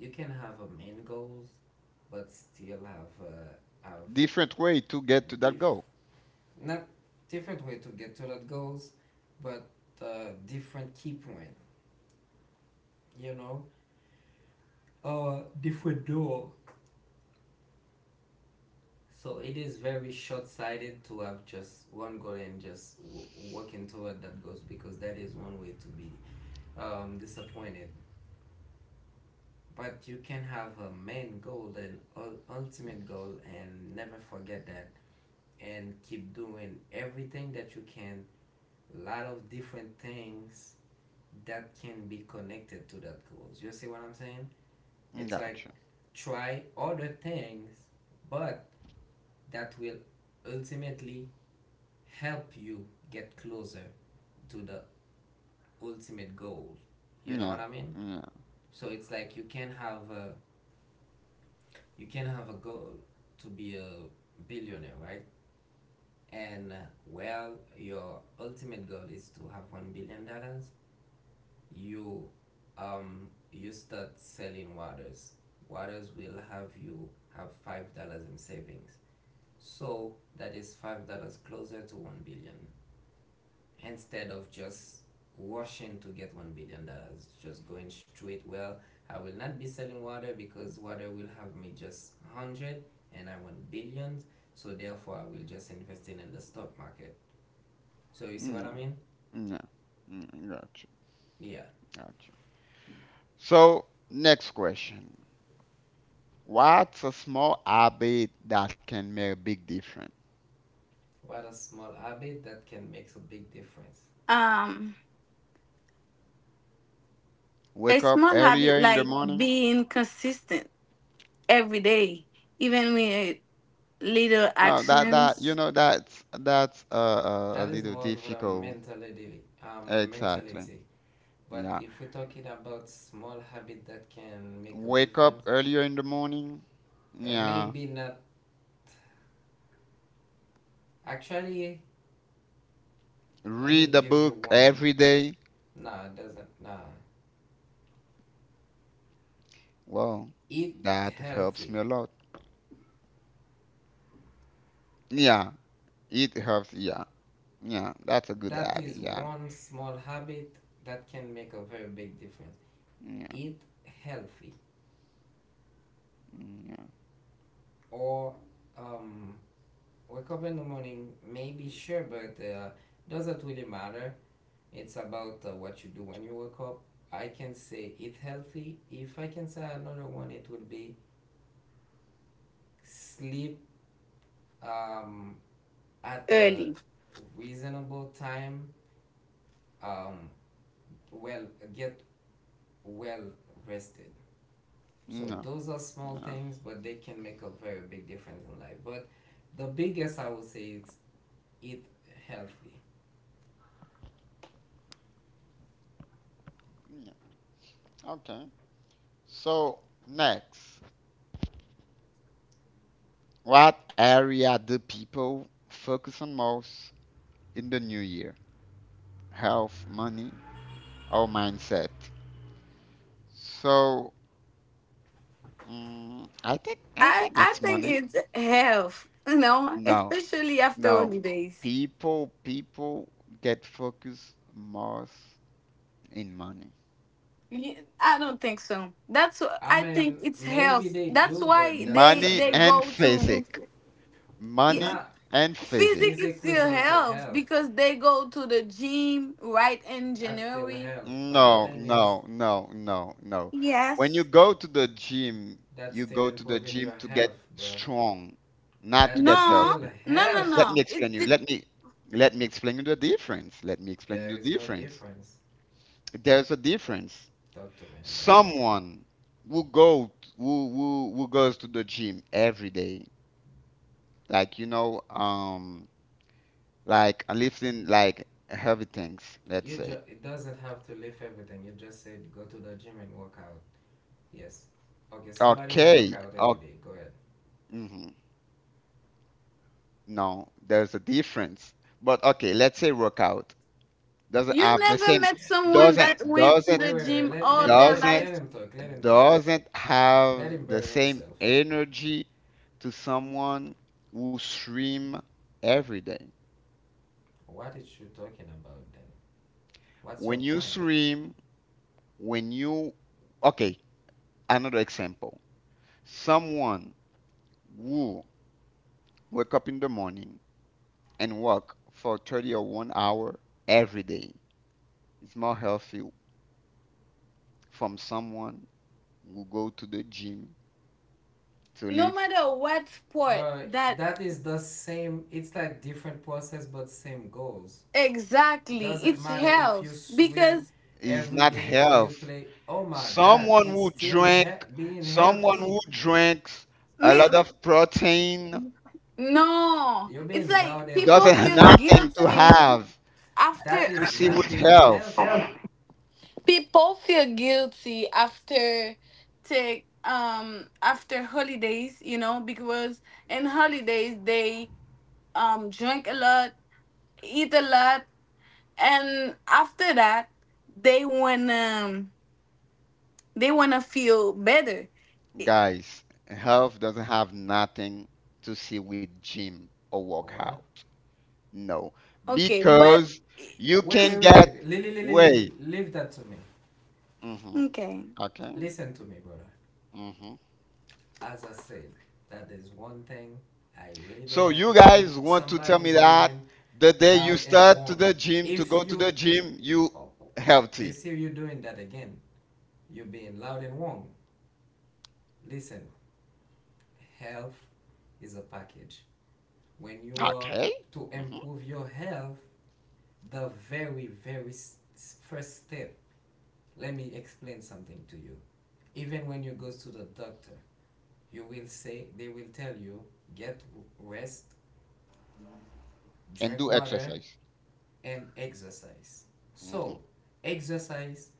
Speaker 2: you can have a main goals, but still have
Speaker 1: different way to get to that
Speaker 2: diff
Speaker 1: goal.
Speaker 2: not different way to get to that goals, but different key point. You know, different door. So it is very short-sighted to have just one goal and just working toward that goals, because that is one way to be disappointed. But you can have a main goal and ultimate goal and never forget that, and keep doing everything that you can. A lot of different things that can be connected to that goals. You see what I'm saying? It's
Speaker 1: Gotcha.
Speaker 2: like try other things, but that will ultimately help you get closer to the ultimate goal. You know
Speaker 1: Yeah.
Speaker 2: what I mean?
Speaker 1: Yeah.
Speaker 2: So it's like you can have a goal to be a billionaire, right? And well, your ultimate goal is to have $1 billion. You, you start selling waters. Waters will have you have $5 in savings. So that is $5 closer to 1 billion, instead of just washing to get $1 billion, just going straight. Well, I will not be selling water because water will have me just 100, and I want billions. So therefore, I will just invest in the stock market. So you see what I
Speaker 1: No,
Speaker 2: mean?
Speaker 1: no, mm, gotcha,
Speaker 2: Yeah.
Speaker 1: gotcha. So next question. What's a small habit that can make a big difference?
Speaker 2: What a small habit that can make a big difference.
Speaker 1: Wake up earlier in the morning? No, that's a
Speaker 2: That is
Speaker 1: little
Speaker 2: more of a
Speaker 1: difficult.
Speaker 2: mentality. A
Speaker 1: Exactly.
Speaker 2: mentality. But
Speaker 1: Yeah.
Speaker 2: if we're talking about small habit that can make a
Speaker 1: Wake up
Speaker 2: difference,
Speaker 1: earlier in the morning. Yeah.
Speaker 2: maybe not. Actually, let
Speaker 1: Read
Speaker 2: me
Speaker 1: a
Speaker 2: give you
Speaker 1: book
Speaker 2: one.
Speaker 1: every day.
Speaker 2: No, it doesn't. Nah.
Speaker 1: Well,
Speaker 2: Eat
Speaker 1: that helps me
Speaker 2: healthy.
Speaker 1: a lot. Yeah. It helps. Yeah. Yeah. That's a good
Speaker 2: That
Speaker 1: habit.
Speaker 2: is
Speaker 1: Yeah,
Speaker 2: one small habit that can make a very big difference.
Speaker 1: yeah.
Speaker 2: Eat healthy.
Speaker 1: Yeah.
Speaker 2: Or um, wake up in the morning, maybe sure, but doesn't really matter. It's about what you do when you wake up. I can say eat healthy. If I can say another one, it would be sleep um, at a reasonable time. Um, well, get well rested. So
Speaker 1: No.
Speaker 2: those are small
Speaker 1: No.
Speaker 2: things, but they can make a very big difference in life. But the biggest I would say is eat healthy.
Speaker 1: Yeah. Okay. So next, what area do people focus on most in the new year? Health, money, or mindset? So, I think it's money. No, no. People get focused most in money.
Speaker 2: I mean, maybe they do, but that's
Speaker 1: Money
Speaker 2: not the
Speaker 1: and physic. Money
Speaker 2: not
Speaker 1: and
Speaker 2: a
Speaker 1: physic.
Speaker 2: physical result to health. That's still health, but the
Speaker 1: No,
Speaker 2: thing is,
Speaker 1: no, no, no, no. When you go to the gym,
Speaker 2: that's
Speaker 1: you
Speaker 2: still
Speaker 1: go to the
Speaker 2: improving
Speaker 1: gym
Speaker 2: your
Speaker 1: to get
Speaker 2: health, bro.
Speaker 1: strong, not to
Speaker 2: That
Speaker 1: get
Speaker 2: is
Speaker 1: healthy.
Speaker 2: still health.
Speaker 1: Let me explain you. Let me explain you the difference. Let me explain
Speaker 2: There
Speaker 1: you the
Speaker 2: is no
Speaker 1: difference.
Speaker 2: difference.
Speaker 1: There's a difference.
Speaker 2: Talk to me about it.
Speaker 1: Someone who go who goes to the gym every day, like like lifting like heavy things, let's
Speaker 2: You
Speaker 1: say.
Speaker 2: just it doesn't have to lift everything. You just said go to the gym and work out. Yes. Okay, somebody who work
Speaker 1: Okay,
Speaker 2: out every day. Go ahead.
Speaker 1: okay. No, there's a difference. But okay, let's say workout doesn't have the same, doesn't, doesn't,
Speaker 2: Wait, wait, wait. Let
Speaker 1: doesn't,
Speaker 2: let him talk. Let him talk.
Speaker 1: doesn't have
Speaker 2: Let him
Speaker 1: the
Speaker 2: bury
Speaker 1: same
Speaker 2: himself.
Speaker 1: energy to someone who swim every day.
Speaker 2: What is you talking about then? What's your
Speaker 1: When you
Speaker 2: point,
Speaker 1: swim, when you, okay, another example. Someone who wake up in the morning and walk for 30 or 1 hour every day is more healthy from someone who go to the gym to live
Speaker 2: bro? That is the same. It's like different process, but same goals. Doesn't matter if you swim
Speaker 1: is
Speaker 2: every
Speaker 1: not
Speaker 2: day or you
Speaker 1: health.
Speaker 2: play. Oh my God!
Speaker 1: Someone
Speaker 2: It's
Speaker 1: who
Speaker 2: still
Speaker 1: drink,
Speaker 2: being
Speaker 1: someone who
Speaker 2: healthy.
Speaker 1: drinks a lot of protein
Speaker 2: You're being loud and
Speaker 1: doesn't have
Speaker 2: wrong.
Speaker 1: nothing to have
Speaker 2: That
Speaker 1: to
Speaker 2: is
Speaker 1: see
Speaker 2: not
Speaker 1: with
Speaker 2: being
Speaker 1: health,
Speaker 2: healthy.
Speaker 1: guys. Health doesn't have nothing to see with gym or
Speaker 2: What?
Speaker 1: workout. No, because you
Speaker 2: Wait,
Speaker 1: can
Speaker 2: wait, wait,
Speaker 1: get
Speaker 2: wait.
Speaker 1: way.
Speaker 2: Leave that to me.
Speaker 1: Hmm. Okay.
Speaker 2: Listen to me, brother.
Speaker 1: Hmm.
Speaker 2: As I said, that is one thing I really don't
Speaker 1: So
Speaker 2: like.
Speaker 1: you
Speaker 2: It's when
Speaker 1: guys want to tell
Speaker 2: somebody
Speaker 1: me
Speaker 2: is
Speaker 1: that
Speaker 2: being
Speaker 1: the day you
Speaker 2: loud and
Speaker 1: start to the
Speaker 2: wrong.
Speaker 1: gym to
Speaker 2: If
Speaker 1: go to
Speaker 2: you,
Speaker 1: the gym, you
Speaker 2: oh, you
Speaker 1: healthy.
Speaker 2: see, you doing that again. You're being loud and wrong. Listen, health is a package. When you are
Speaker 1: Okay.
Speaker 2: to
Speaker 1: Hmm.
Speaker 2: improve your health, the very, very first step. Let me explain something to you. Even when you go to the doctor, you will say they will tell you: get rest,
Speaker 1: And
Speaker 2: drink
Speaker 1: do
Speaker 2: water,
Speaker 1: exercise.
Speaker 2: and exercise.
Speaker 1: Hmm.
Speaker 2: So exercise,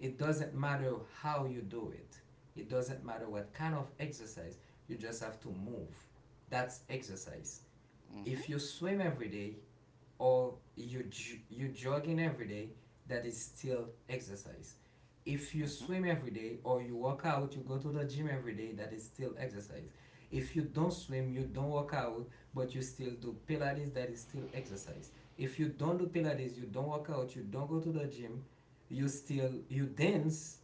Speaker 2: it doesn't matter how you do it, it doesn't matter what kind of exercise. You just have to move, that's exercise.
Speaker 1: Hmm.
Speaker 2: If you swim every day, or you jogging every day, that is still exercise. If you
Speaker 1: Hmm.
Speaker 2: swim every day, or you work out, you go to the gym every day, that is still exercise. If you don't swim, you don't work out, but you still do pilates, that is still exercise. If you don't do pilates, you don't work out, you don't go to the gym, you still you dance,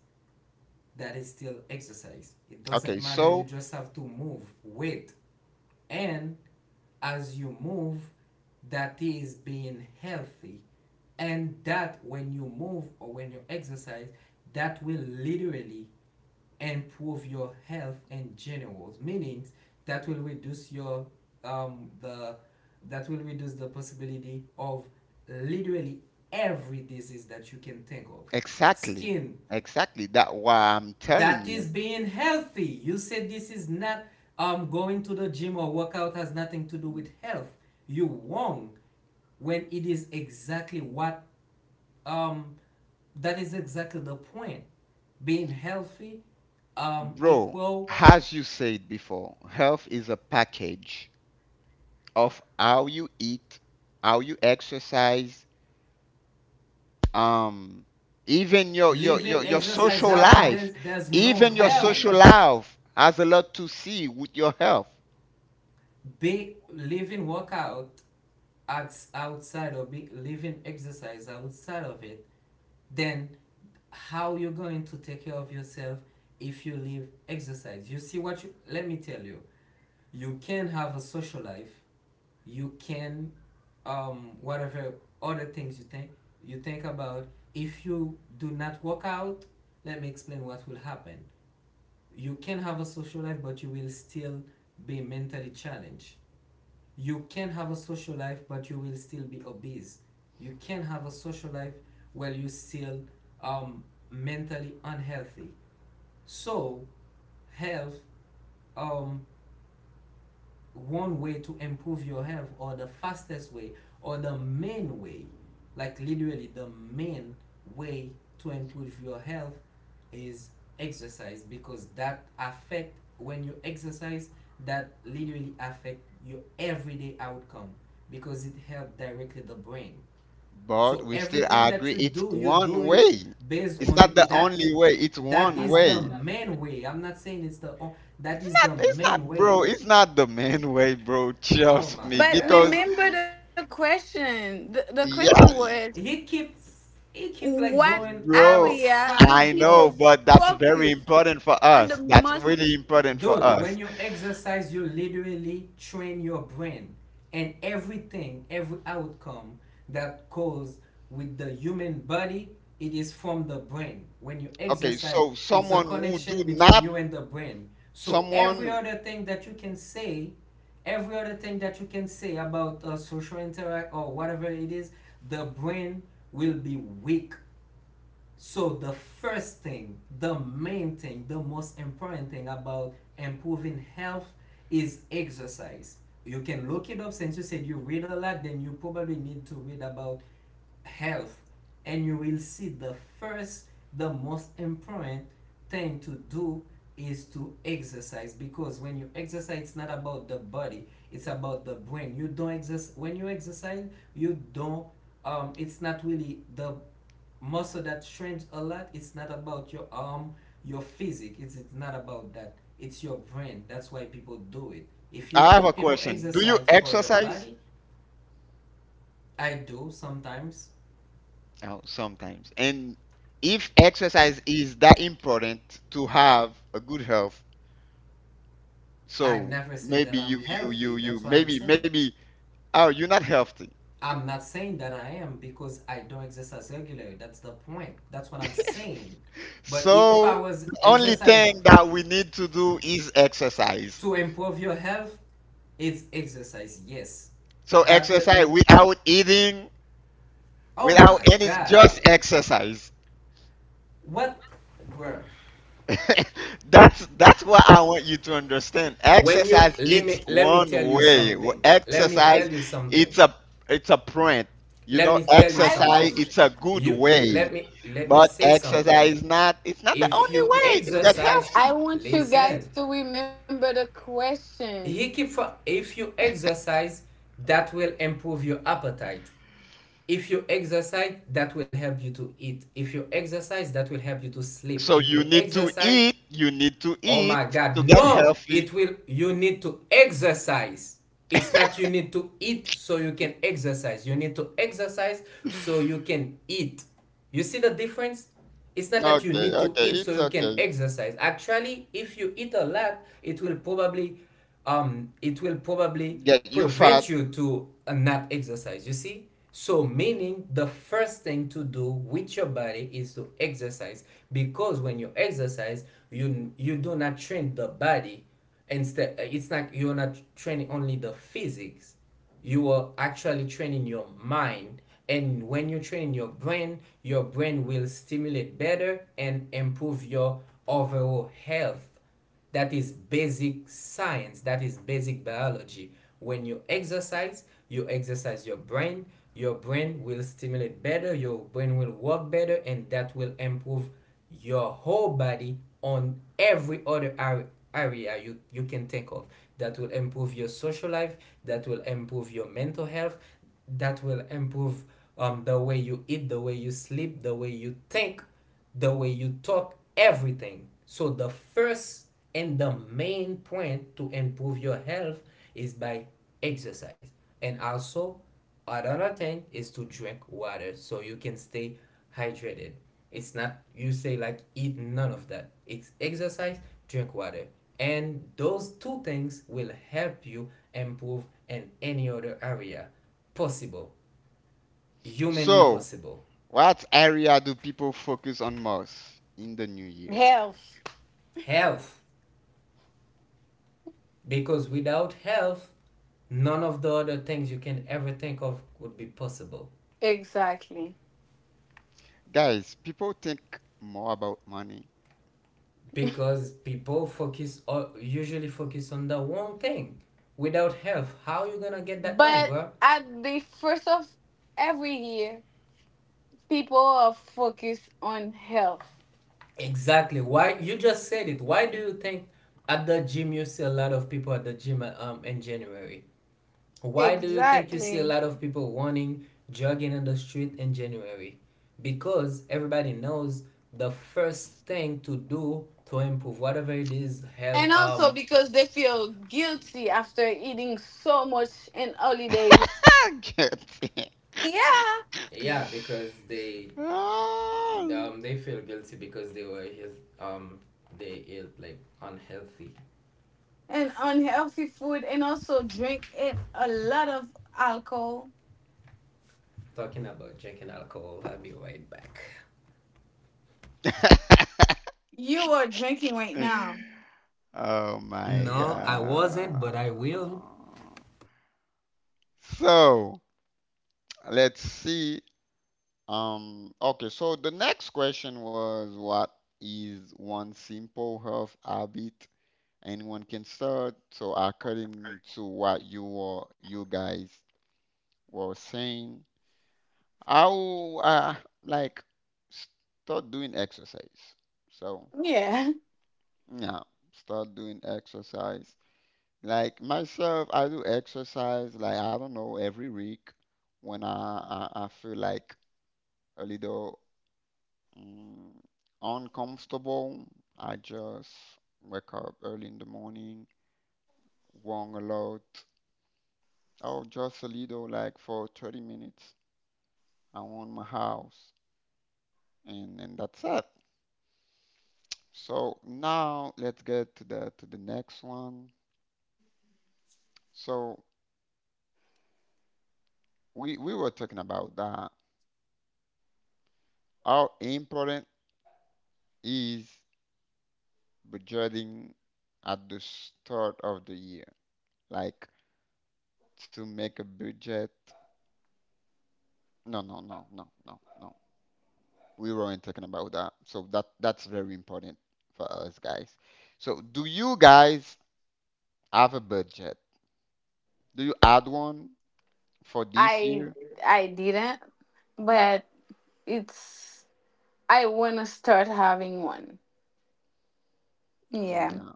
Speaker 2: that is still exercise. It doesn't
Speaker 1: Okay,
Speaker 2: matter, you
Speaker 1: so
Speaker 2: just have to move weight. And as you move, that is being healthy. And that, when you move or when you exercise, that will literally improve your health in general. Meaning, that will reduce your the that will reduce the possibility of literally every disease that you can think of,
Speaker 1: exactly,
Speaker 2: skin.
Speaker 1: exactly that why I'm telling
Speaker 2: That is
Speaker 1: you,
Speaker 2: being healthy. You said this is not, going to the gym or workout has nothing to do with health, you wrong, when it is exactly what. Um that is exactly the point. Being healthy
Speaker 1: bro,
Speaker 2: equal
Speaker 1: as you said before, health is a package of how you eat, how you exercise, um, even
Speaker 2: living
Speaker 1: your
Speaker 2: exercise
Speaker 1: social
Speaker 2: out,
Speaker 1: life
Speaker 2: there's no
Speaker 1: even your
Speaker 2: health.
Speaker 1: social life has a lot to see with your health
Speaker 2: Be living workout outside, or be living exercise outside of it, then how you're going to take care of yourself? If you leave exercise, you see what, you let me tell you, you can have a social life, you can whatever other things you think about. If you do not work out, let me explain what will happen. You can have a social life, but you will still be mentally challenged. You can have a social life, but you will still be obese. You can have a social life while you still um, mentally unhealthy. So, health, um, one way to improve your health, or the fastest way, or the main way, like literally the main way to improve your health, is exercise, because that affect, when you exercise, that literally affect your everyday outcome, because it help directly the brain.
Speaker 1: but
Speaker 2: So
Speaker 1: we still
Speaker 2: everything that
Speaker 1: agree
Speaker 2: you
Speaker 1: it's
Speaker 2: do, you do
Speaker 1: one
Speaker 2: it
Speaker 1: way
Speaker 2: based
Speaker 1: it's
Speaker 2: on
Speaker 1: not the
Speaker 2: that.
Speaker 1: only way it's
Speaker 2: That
Speaker 1: one
Speaker 2: is the
Speaker 1: way
Speaker 2: main way. I'm not saying it's the that
Speaker 1: it's
Speaker 2: is
Speaker 1: not
Speaker 2: the
Speaker 1: it's
Speaker 2: main
Speaker 1: not bro
Speaker 2: way.
Speaker 1: it's not the main way bro
Speaker 2: Oh
Speaker 1: trust
Speaker 2: my
Speaker 1: me
Speaker 2: God,
Speaker 1: because yeah
Speaker 2: he keeps he keep like going
Speaker 1: bro
Speaker 2: outside
Speaker 1: I
Speaker 2: of.
Speaker 1: know but that's very important for us that's really important for
Speaker 2: Dude, when
Speaker 1: us
Speaker 2: you exercise, you literally train your brain, and everything, every outcome that goes with the human body, it is from the brain. When you
Speaker 1: okay
Speaker 2: exercise,
Speaker 1: so
Speaker 2: it's a
Speaker 1: someone who do
Speaker 2: connection between
Speaker 1: not
Speaker 2: you and the brain. So every
Speaker 1: someone
Speaker 2: other thing that you can say, every other thing that you can say about social interact or whatever it is, the brain will be weak. So the first thing, the main thing, the most important thing about improving health, is exercise. You can look it up. Since you said you read a lot, then you probably need to read about health, and you will see the first, the most important thing to do is to exercise, because when you exercise, it's not about the body, it's about the brain. You don't exercise, when you exercise, you don't it's not really the muscle that shrinks a lot, it's not about your arm, your physique, it's not about that, it's your brain, that's why people do it, if you
Speaker 1: I have a
Speaker 2: think people
Speaker 1: question. Do you
Speaker 2: exercise for your
Speaker 1: exercise?
Speaker 2: body. I do sometimes.
Speaker 1: Oh, sometimes. And if exercise is that important to have a good health,
Speaker 2: I
Speaker 1: so
Speaker 2: never said
Speaker 1: maybe
Speaker 2: that I'm
Speaker 1: you you you
Speaker 2: healthy,
Speaker 1: you
Speaker 2: that's what I'm
Speaker 1: maybe
Speaker 2: saying.
Speaker 1: maybe oh you're not healthy.
Speaker 2: I'm not saying that I am, because I don't exercise regularly, that's the point, that's what I'm saying. But if I
Speaker 1: So
Speaker 2: was
Speaker 1: the only
Speaker 2: exercise.
Speaker 1: thing that we need to do is exercise.
Speaker 2: To improve your health, it's exercise, yes.
Speaker 1: So
Speaker 2: That will,
Speaker 1: exercise
Speaker 2: and
Speaker 1: without eating,
Speaker 2: oh
Speaker 1: without
Speaker 2: my
Speaker 1: any,
Speaker 2: God.
Speaker 1: just exercise.
Speaker 2: What, bro?
Speaker 1: That's what I want you to understand.
Speaker 2: When you
Speaker 1: Exercise
Speaker 2: let
Speaker 1: it's
Speaker 2: me let me
Speaker 1: one
Speaker 2: tell you
Speaker 1: way. W-
Speaker 2: something. Let me
Speaker 1: Exercise
Speaker 2: tell you
Speaker 1: it's
Speaker 2: something.
Speaker 1: a it's a print. You
Speaker 2: Let
Speaker 1: know,
Speaker 2: me tell you
Speaker 1: exercise
Speaker 2: something.
Speaker 1: it's a good
Speaker 2: You
Speaker 1: way.
Speaker 2: let me
Speaker 1: But
Speaker 2: say something.
Speaker 1: exercise is not it's not the
Speaker 2: If
Speaker 1: only
Speaker 2: you
Speaker 1: way to get
Speaker 2: exercise,
Speaker 1: healthy.
Speaker 2: listen. He keep for, if you exercise, that will improve your appetite. If you exercise, that will help you to eat. If you exercise, that will help you to sleep.
Speaker 1: So
Speaker 2: If
Speaker 1: you
Speaker 2: you
Speaker 1: need to
Speaker 2: exercise,
Speaker 1: eat,
Speaker 2: oh my God,
Speaker 1: to get
Speaker 2: no!
Speaker 1: healthy.
Speaker 2: It will, you need to exercise. It's not you need to eat so you can exercise. You need to exercise so you can eat. You see the difference? It's not that you
Speaker 1: Okay,
Speaker 2: need to
Speaker 1: okay,
Speaker 2: eat so
Speaker 1: it's
Speaker 2: you can
Speaker 1: okay.
Speaker 2: exercise. Actually, if you eat a lot, it will probably, it will probably
Speaker 1: Get you fat.
Speaker 2: prevent you to not exercise. You see? So, meaning the first thing to do with your body is to exercise, because when you exercise, you do not train the body. Instead, it's not, you're not training only the physics. You are actually training your mind, and when you train your brain will stimulate better and improve your overall health. That is basic science, that is basic biology. When you exercise your brain will stimulate better, your brain will work better, and that will improve your whole body on every other area you can think of. That will improve your social life, that will improve your mental health, that will improve the way you eat, the way you sleep, the way you think, the way you talk, everything. So the first and the main point to improve your health is by exercise. And also, another thing is to drink water so you can stay hydrated. It's not you say like eat none of that. It's exercise, drink water. And those two things will help you improve in any other area possible, humanly
Speaker 1: So,
Speaker 2: possible.
Speaker 1: what area do people focus on most in the new year?
Speaker 2: Health. Because without health, none of the other things you can ever think of would be possible.
Speaker 1: Guys, people think more about money.
Speaker 2: Because people focus, or usually focus, on the wrong thing. Without health, how you gonna get that money, bro? Exactly. Why? You just said it. Why do you think at the gym you see a lot of people at the gym, in January? Why do you think you see a lot of people running, jogging on the street in January? Because everybody knows the first thing to do to improve whatever it is, help,
Speaker 1: Guilty.
Speaker 2: Yeah, because they
Speaker 1: Oh.
Speaker 2: um they feel guilty, because they were health, they ate like unhealthy. Talking about drinking alcohol, I'll be right back.
Speaker 1: Oh my
Speaker 2: No, I wasn't, but I
Speaker 1: God.
Speaker 2: will.
Speaker 1: So let's see. Okay, so the next question was what is one simple health habit anyone can start? So according to what you guys were saying, I'll like start doing exercise. So yeah, start doing exercise. Like myself, I do exercise like I don't know every week when I feel like a little mm, uncomfortable. I just wake up early in the morning, walk a lot, or just a little like for 30 minutes around my house, and that's it. So now let's get to the next one. So we were talking about that how important is budgeting at the start of the year, like to make a budget. No, no, no, no, no, no. We weren't talking about that. So that's very important for us guys. So do you guys have a budget? Do you add one for this year? Yeah.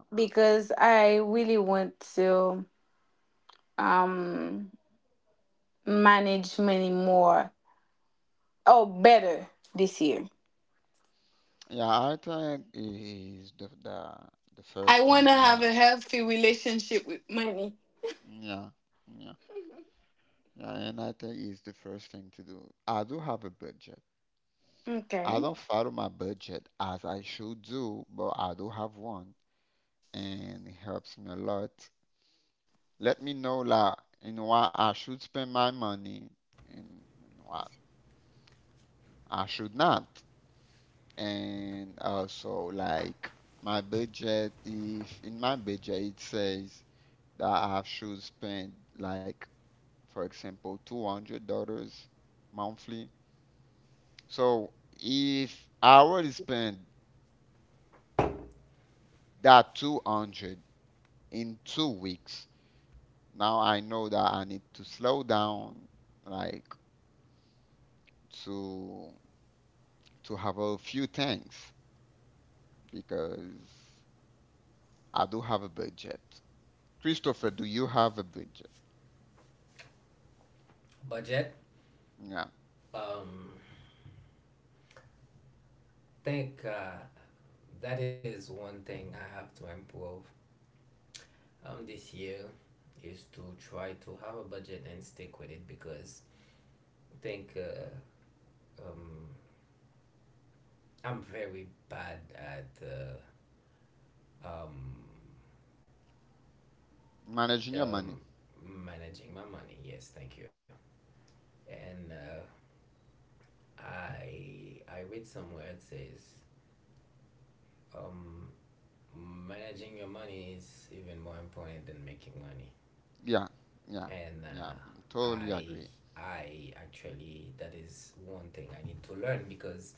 Speaker 1: Yeah, I think is the first thing that yeah, yeah, yeah, and I think is the first thing to do. I do have a budget. I don't follow my budget as I should do, but I do have one, and it helps me a lot. Let me know like in what I should spend my money and in what I should not, and also like my budget. If in my budget it says that I should spend like, for example, $200 monthly. So if I already spent that 200 in 2 weeks, now I know that I need to slow down, like to have a few things because I do have a budget. Christopher, do you have a budget?
Speaker 2: Budget.
Speaker 1: Yeah,
Speaker 2: Um, think, that is one thing I have to improve, this year, is to try to have a budget and stick with it, because I think, um, I'm very bad at, um,
Speaker 1: managing your
Speaker 2: um,
Speaker 1: money.
Speaker 2: managing my money. Yes, thank you. And I read somewhere, it says, um, managing your money is even more important than making money.
Speaker 1: Yeah, yeah,
Speaker 2: And
Speaker 1: yeah. I totally
Speaker 2: I
Speaker 1: agree.
Speaker 2: I actually, that is one thing I need to learn, because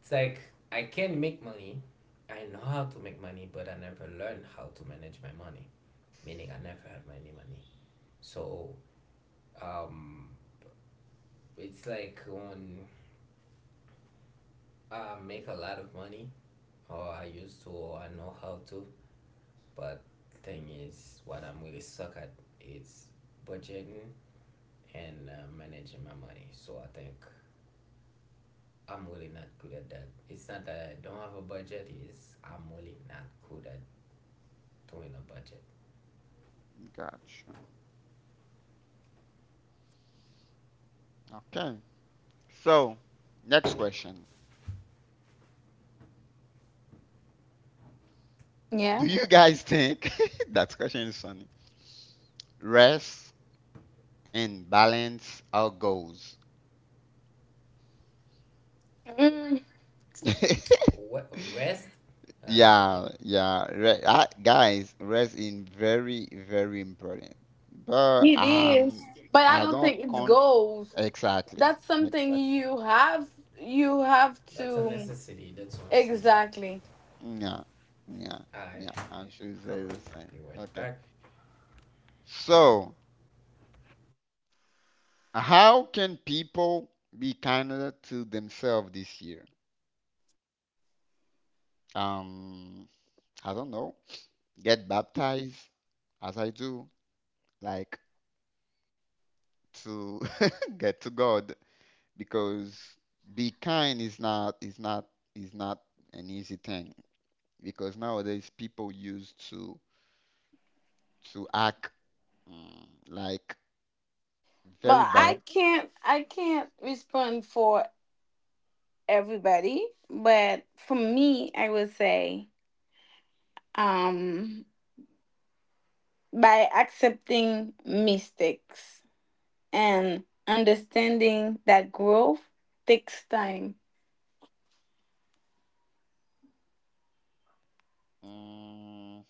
Speaker 2: it's like I can make money. I know how to make money, but I never learned how to manage my money. Meaning, I never had any money. So, um, it's like when I make a lot of money, or I used to, or I know how to. But thing is, what I'm really suck at is budgeting and managing my money. So I think I'm really not good at that. It's not that I don't have a budget. It's I'm really not good at doing a budget.
Speaker 1: Gotcha. Okay. So, next question. Do you guys think that question is funny? Rest and balance our goals.
Speaker 2: What rest? Ah, I don't get.
Speaker 1: Yeah, yeah. Re I, guys, rest is very, very important. But I don't count exactly. Exactly.
Speaker 2: That's a necessity, that's what I'm saying.
Speaker 1: Yeah, yeah,
Speaker 2: I
Speaker 1: yeah. I should say
Speaker 2: come,
Speaker 1: the same.
Speaker 2: be right
Speaker 1: Okay.
Speaker 2: back.
Speaker 1: So, how can people be kinder to themselves this year? um I don't know, get baptized as I do, like to get to God because be kind is not is not an easy thing because nowadays people used to act like very bad. Mm,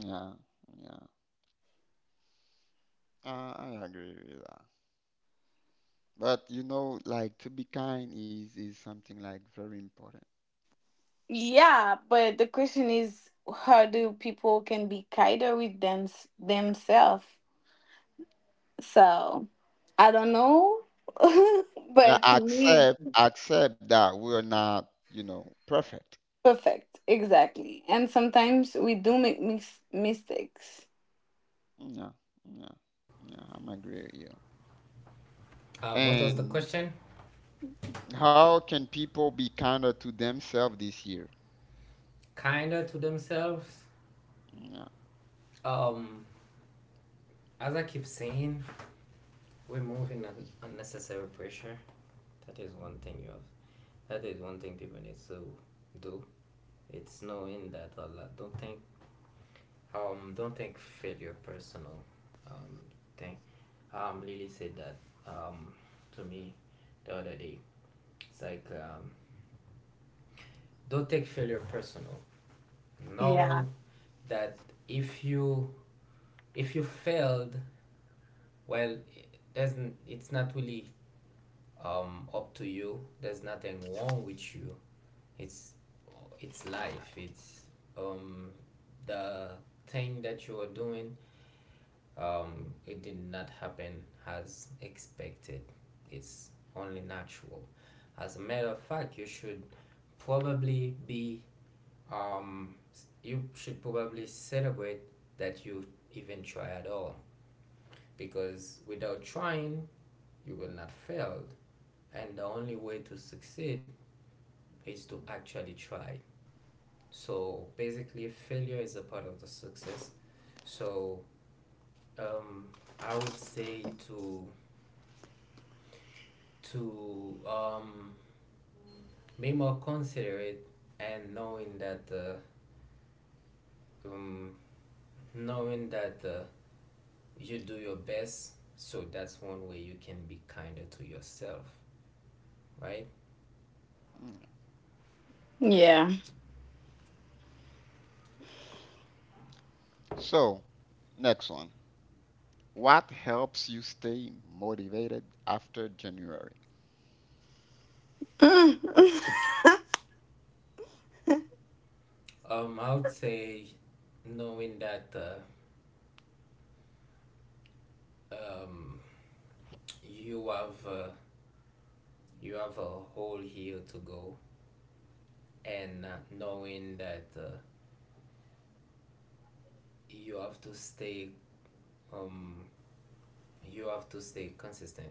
Speaker 1: yeah, yeah. I agree with that. But you know, like to be kind is something like very important. Yeah, accept that we're not, you know, perfect. Yeah, yeah, yeah. I'm agree with you.
Speaker 2: What was the
Speaker 1: And
Speaker 2: question?
Speaker 1: how can people be kinder to themselves this year?
Speaker 2: Kinda to themselves.
Speaker 1: Yeah,
Speaker 2: Um, as I keep saying, removing unnecessary pressure. That is one thing you have. That is one thing people need to do. It's knowing that a lot. Don't think. Don't think failure personal. Um, thing. Lily said that, Um, to me, the other day. It's like, don't take failure personal. Know that if you, failed, well it doesn't, it's not really, up to you, there's nothing wrong with you, it's it's life. It's, um, the thing that you are doing, it did not happen as expected. It's only natural. As a matter of fact, you should probably be, um, you should probably celebrate that you even try at all, because without trying you will not fail, and the only way to succeed is to actually try. So basically failure is a part of the success. So, um, I would say to, to um, be more considerate, and knowing that, um, knowing that, you do your best. So that's one way you can be kinder to yourself, right?
Speaker 1: yeah. So, next one. What helps you stay motivated after January?
Speaker 2: I would say knowing that, um you have uh, you have a whole year to go, and knowing that, you have to stay, um you have to stay consistent,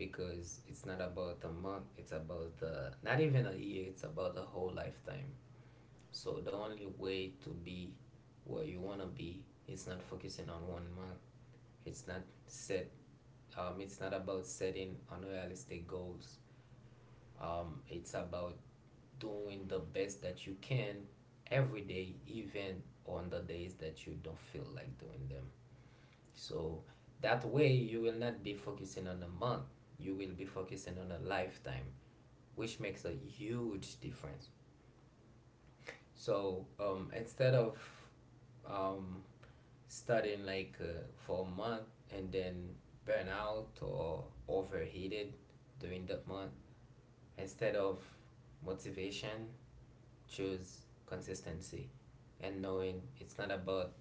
Speaker 2: because it's not about a month, it's about, not even a year, it's about a whole lifetime. So the only way to be where you wanna be, it's not focusing on one mark. It's not set. It's not about setting unrealistic goals. It's about doing the best that you can every day, even on the days that you don't feel like doing them. So that way, you will not be focusing on a month. You will be focusing on a lifetime, which makes a huge difference. So instead of um, studying for a month and then burn out or overheated during that month, instead of motivation, choose consistency, and knowing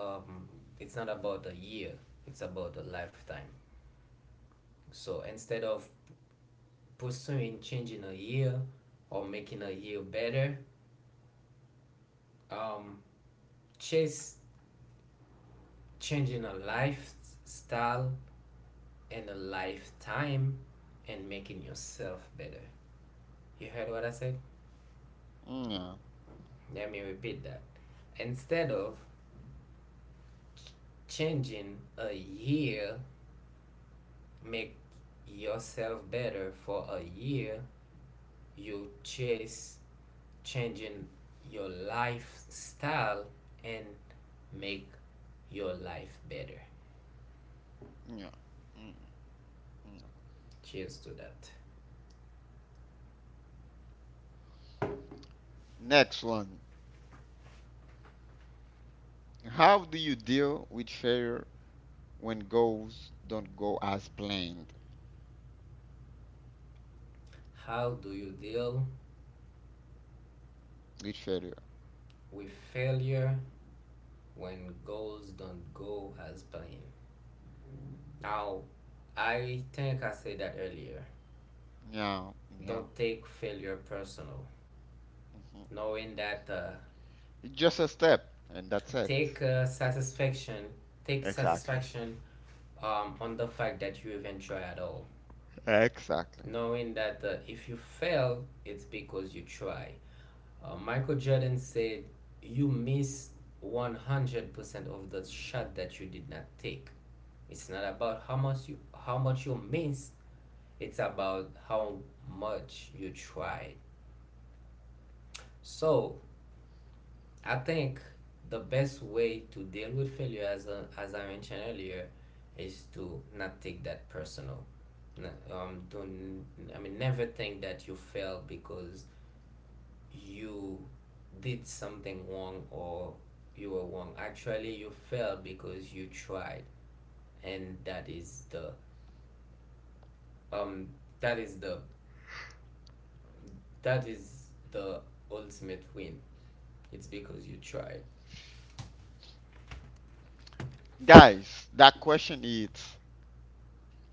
Speaker 2: um it's not about a year, it's about a lifetime. So instead of pursuing changing a year or making a year better, um chase changing a lifestyle and a lifetime and making yourself better. You heard what I said?
Speaker 1: Yeah,
Speaker 2: Let me repeat that. Instead of changing a year, make yourself better for a year, you chase changing your lifestyle and make your life better.
Speaker 1: yeah, yeah, yeah.
Speaker 2: Cheers to that.
Speaker 1: Next one. How do you deal with failure when goals don't go as planned?
Speaker 2: How do you deal
Speaker 1: With failure.
Speaker 2: with failure when goals don't go as planned? Now, I think I said that earlier.
Speaker 1: Yeah, yeah.
Speaker 2: Don't take failure personal.
Speaker 1: Mhm.
Speaker 2: Knowing that
Speaker 1: It's just a step, and that's it.
Speaker 2: take satisfaction, take
Speaker 1: Exactly.
Speaker 2: satisfaction on the fact that you even try at all.
Speaker 1: Exactly.
Speaker 2: Knowing that if you fail, it's because you try. Michael Jordan said, "You miss 100% of the shot that you did not take." It's not about how much you miss. It's about how much you tried. So I think the best way to deal with failure, as I mentioned earlier, is to not take that personal. N- don't, I mean, Never think that you failed because you did something wrong or you were wrong. Actually, you failed because you tried, and that is the um that is the that is the ultimate win. It's because you tried.
Speaker 1: Guys, that question is,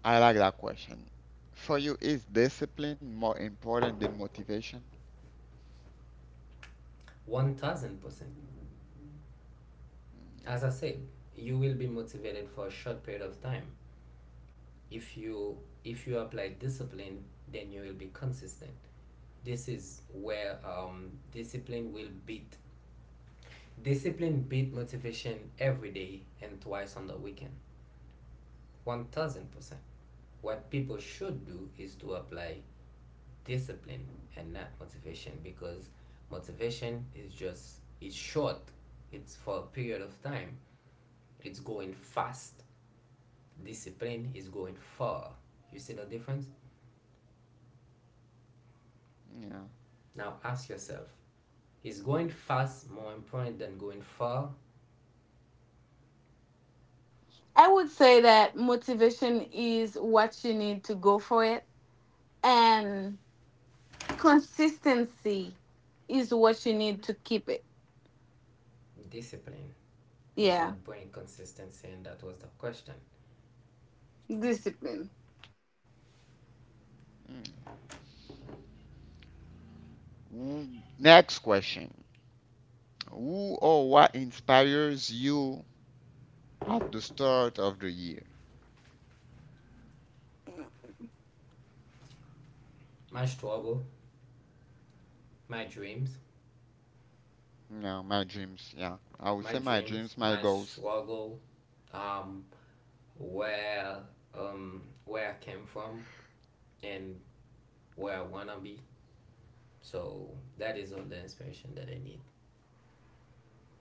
Speaker 1: I like that question. For you, is discipline more important than motivation?
Speaker 2: 1000%.
Speaker 1: Yeah.
Speaker 2: As I said, you will be motivated for a short period of time. If you if you apply discipline, then you will be consistent. This is where discipline will beat discipline beat motivation every day and twice on the weekend. 1000%. What people should do is to apply discipline and not motivation, because motivation is just, it's short, it's for a period of time, it's going fast. Discipline is going far. You see the difference?
Speaker 1: Mm,
Speaker 2: Now ask yourself, is going fast more important than going far? Discipline is what brings consistency, and that was the question.
Speaker 1: yeah, mm. Who- Next question. Who or what inspires you at the start of the year?
Speaker 2: My struggle, my dreams,
Speaker 1: Yeah, my dreams. Yeah, I would
Speaker 2: my
Speaker 1: say my
Speaker 2: dreams,
Speaker 1: dreams,
Speaker 2: my
Speaker 1: my goals.
Speaker 2: struggle, um, where where I came from, and where I wanna be. So that is all the inspiration that I need.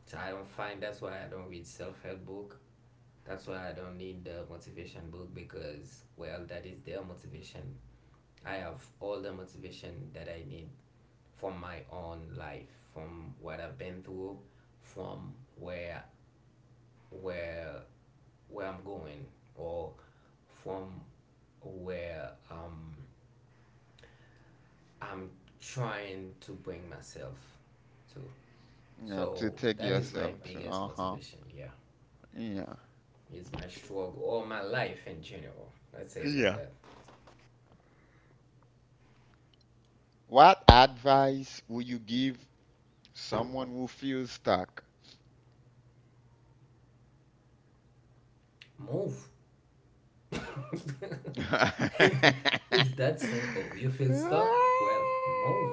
Speaker 2: So I don't find, that's why I don't read self help book. That's why I don't need the motivation book, because, well, that is their motivation. I have all the motivation that I need from my own life, from what I've been through, from where where I'm going, or from where I'm trying to bring myself to.
Speaker 1: Yeah,
Speaker 2: So
Speaker 1: to take
Speaker 2: that is my
Speaker 1: yourself to.
Speaker 2: biggest
Speaker 1: Uh huh.
Speaker 2: motivation. Yeah,
Speaker 1: Yeah.
Speaker 2: it's my struggle or my life in general. Let's say it like
Speaker 1: Yeah.
Speaker 2: that.
Speaker 1: What advice would you give someone who feels stuck?
Speaker 2: Move. It's that simple. You feel stuck? Well, move.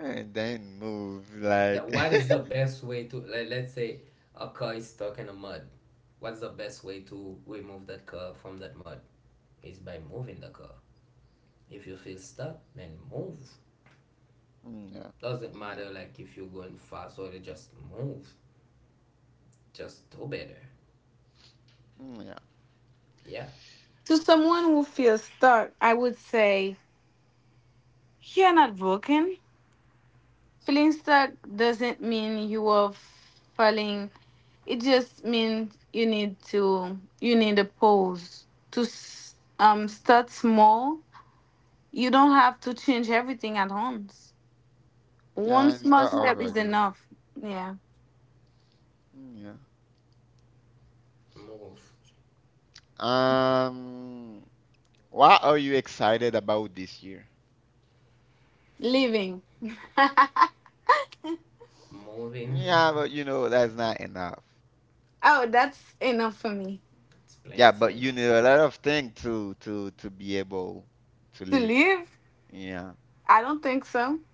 Speaker 1: and then move
Speaker 2: That,
Speaker 1: like
Speaker 2: what
Speaker 1: yeah.
Speaker 2: is the best way to, like, let's say a car is stuck in a mud. What's the best way to remove that car from that mud? Is by moving the car. If you feel stuck, then move.
Speaker 1: Yeah.
Speaker 2: Doesn't matter like if you're going fast or just move. Just do better.
Speaker 1: Yeah,
Speaker 2: Yeah,
Speaker 1: yeah, and start over again. Yeah.
Speaker 2: move.
Speaker 1: Um, what are you excited about this year?
Speaker 2: Moving.
Speaker 1: Yeah, but you know that's not enough.
Speaker 2: It's
Speaker 1: Yeah,
Speaker 2: plenty
Speaker 1: but you
Speaker 2: enough.
Speaker 1: need a lot of things to to be able to live. Yeah.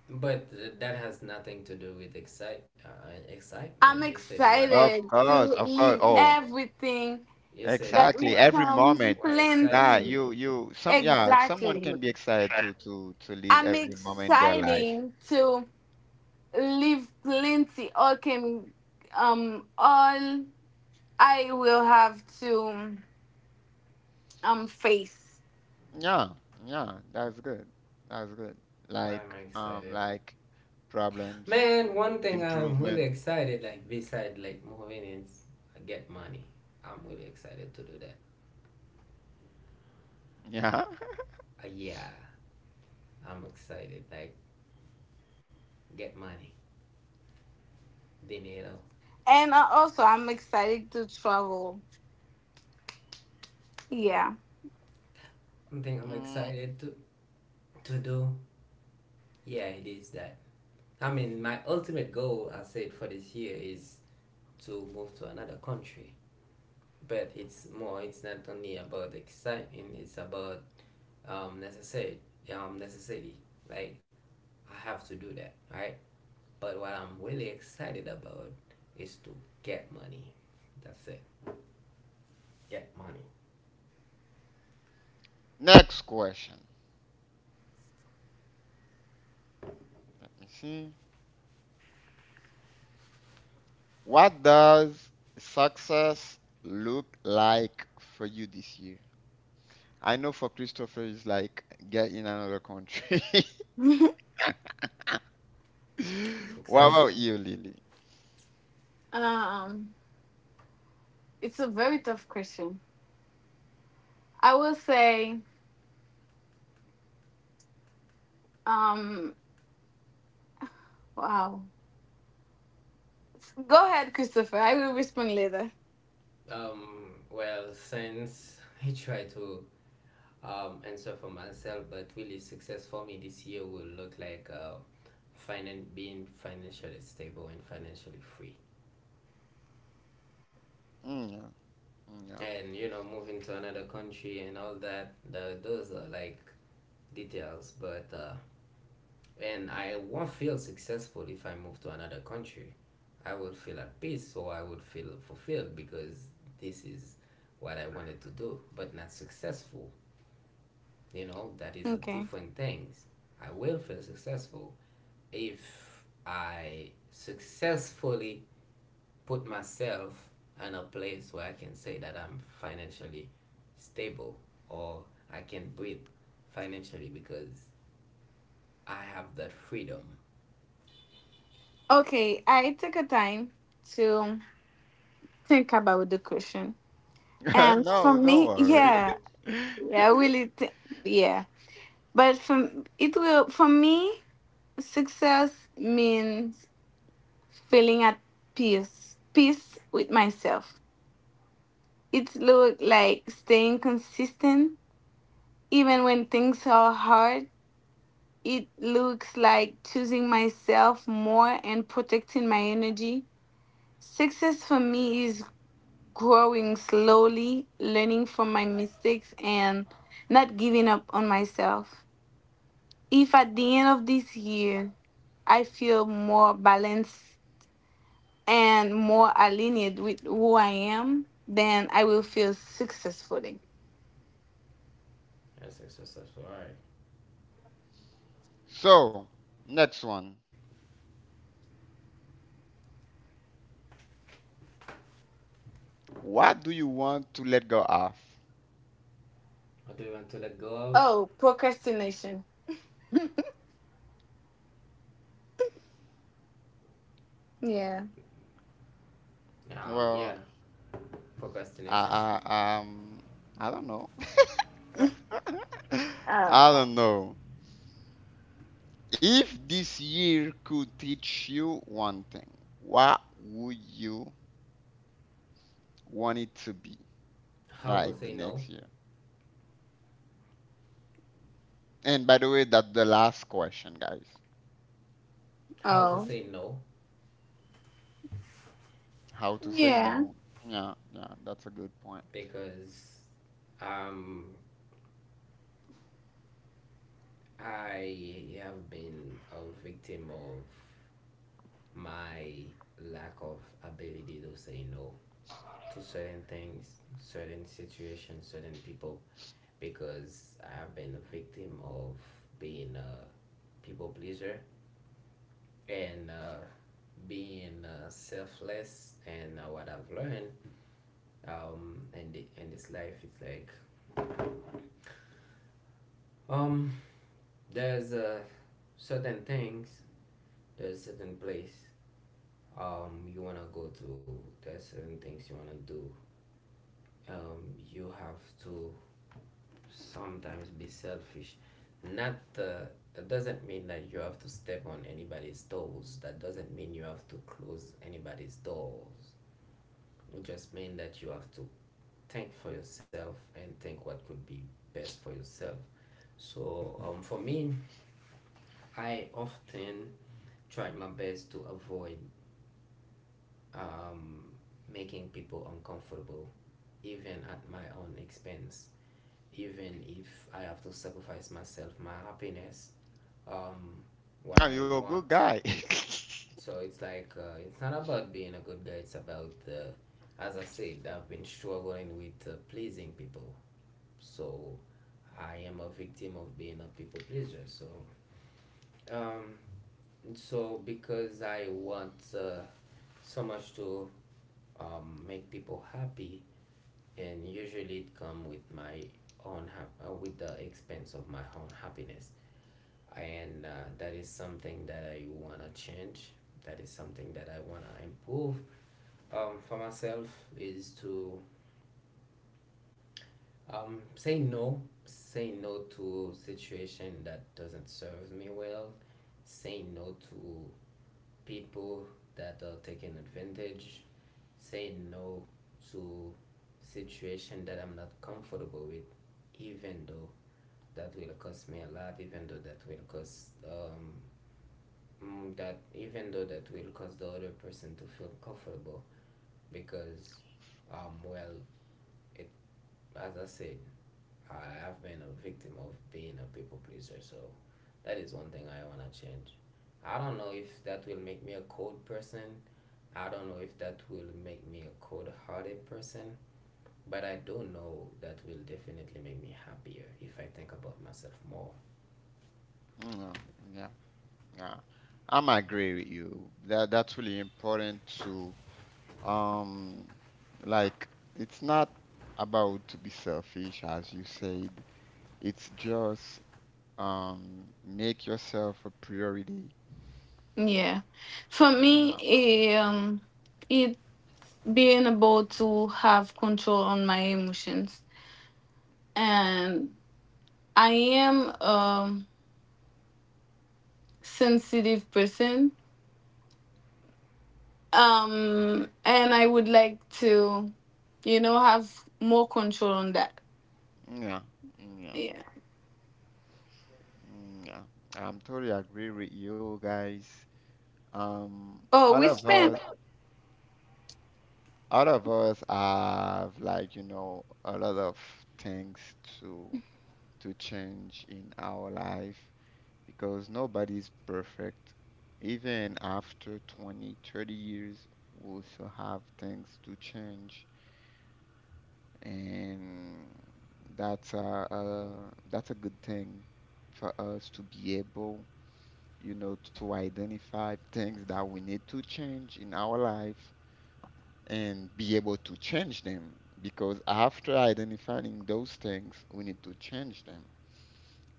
Speaker 2: But that has nothing to do with excitement. You said what?
Speaker 1: Of course, of course. Oh,
Speaker 2: You said
Speaker 1: exactly.
Speaker 2: what?
Speaker 1: Every moment.
Speaker 2: What excites
Speaker 1: Yeah,
Speaker 2: you?
Speaker 1: someone can be excited to to live every moment in their life. Yeah, yeah, that's good. That's good.
Speaker 2: Why am I excited?
Speaker 1: Like problems,
Speaker 2: Man, one thing I'm really
Speaker 1: improvement.
Speaker 2: excited, like beside like moving, is get money. I'm really excited to do that.
Speaker 1: Yeah.
Speaker 2: Yeah, I'm excited like get money, dinero. One thing I'm
Speaker 1: Mm,
Speaker 2: excited to do. Yeah, it is that. I mean, my ultimate goal, I said for this year, is to move to another country, but it's more, it's not only about excitement, it's about necessary necessity. Like, I have to do that, right? But what I'm really excited about is to get money. That's it. Get money.
Speaker 1: next question. Let me see. What does success look like for you this year? I know for Christopher, it's like get in another country. What
Speaker 2: Success.
Speaker 1: about you, Lily?
Speaker 2: Well since I try to answer for myself, but really success for me this year will look like being financially stable and financially free.
Speaker 1: Mm,
Speaker 2: And you know, moving to another country and all that, the, those are like details. But and I won't feel successful if I move to another country. I would feel at peace or I would feel fulfilled, because this is what I wanted to do, but not successful. You know, that is a different things. I will feel successful if I successfully put myself in a place where I can say that I'm financially stable, or I can breathe financially, because I have that freedom.
Speaker 1: yeah. No, don't worry.
Speaker 2: That's successful. All right.
Speaker 1: So, next one. What do you want to let go of?
Speaker 2: What do you want to let go of? Yeah,
Speaker 1: Well,
Speaker 2: procrastination.
Speaker 1: I, I, um, I don't know. I don't know. If this year could teach you one thing, what would you want it to be
Speaker 2: How to
Speaker 1: like the
Speaker 2: say no?
Speaker 1: next year? And by the way, that's the last question, guys.
Speaker 2: How to say no?
Speaker 1: How to say no. Yeah, yeah, that's a good point.
Speaker 2: Because um, I have been a victim of my lack of ability to say no to certain things, certain situations, certain people, because I've been a victim of being a people pleaser and being selfless. And what I've learned in, the, in this life is like, um, there's certain things, there's certain place you want to go to, there's certain things you want to do. You have to sometimes be selfish. Not it doesn't mean that you have to step on anybody's toes. That doesn't mean you have to close anybody's doors. It just means that you have to think for yourself and think what could be best for yourself. So for me, I often try my best to avoid um, making people uncomfortable, even at my own expense. Even if I have to sacrifice myself, my happiness, um, what
Speaker 1: No,
Speaker 2: I
Speaker 1: you're a good
Speaker 2: want.
Speaker 1: guy.
Speaker 2: So it's like it's not about being a good guy. It's about as I said, I've been struggling with pleasing people. So I am a victim of being a people pleaser. So um, so because I want so much to make people happy, and usually it comes with my with the expense of my own happiness. And that is something that I wanna change. That is something that I wanna improve for myself, is to say no to situation that doesn't serve me well, say no to people that are taking advantage, say no to situation that I'm not comfortable with, even though that will cost me a lot, even though that will cost that, even though that will cause the other person to feel comfortable, because um well it, as I said, I have been a victim of being a people pleaser, so that is one thing I wanna change. I don't know if that will make me a cold person. I don't know if that will make me a cold hearted person, but I do know that will definitely make me happier if I think about myself more.
Speaker 1: No, yeah, yeah. I'm agree with you. That that's really important to um like it's not about to be selfish as you said. It's just make yourself a priority. Yeah, yeah, yeah, yeah. I'm totally agree with you guys. Um, all of us have like you know a lot of things to change in our life because nobody's perfect even after 20, 30 years we still have things to change and that's a that's a good thing for us to be able you know to identify things that we need to change in our life and be able to change them because after identifying those things, we need to change them.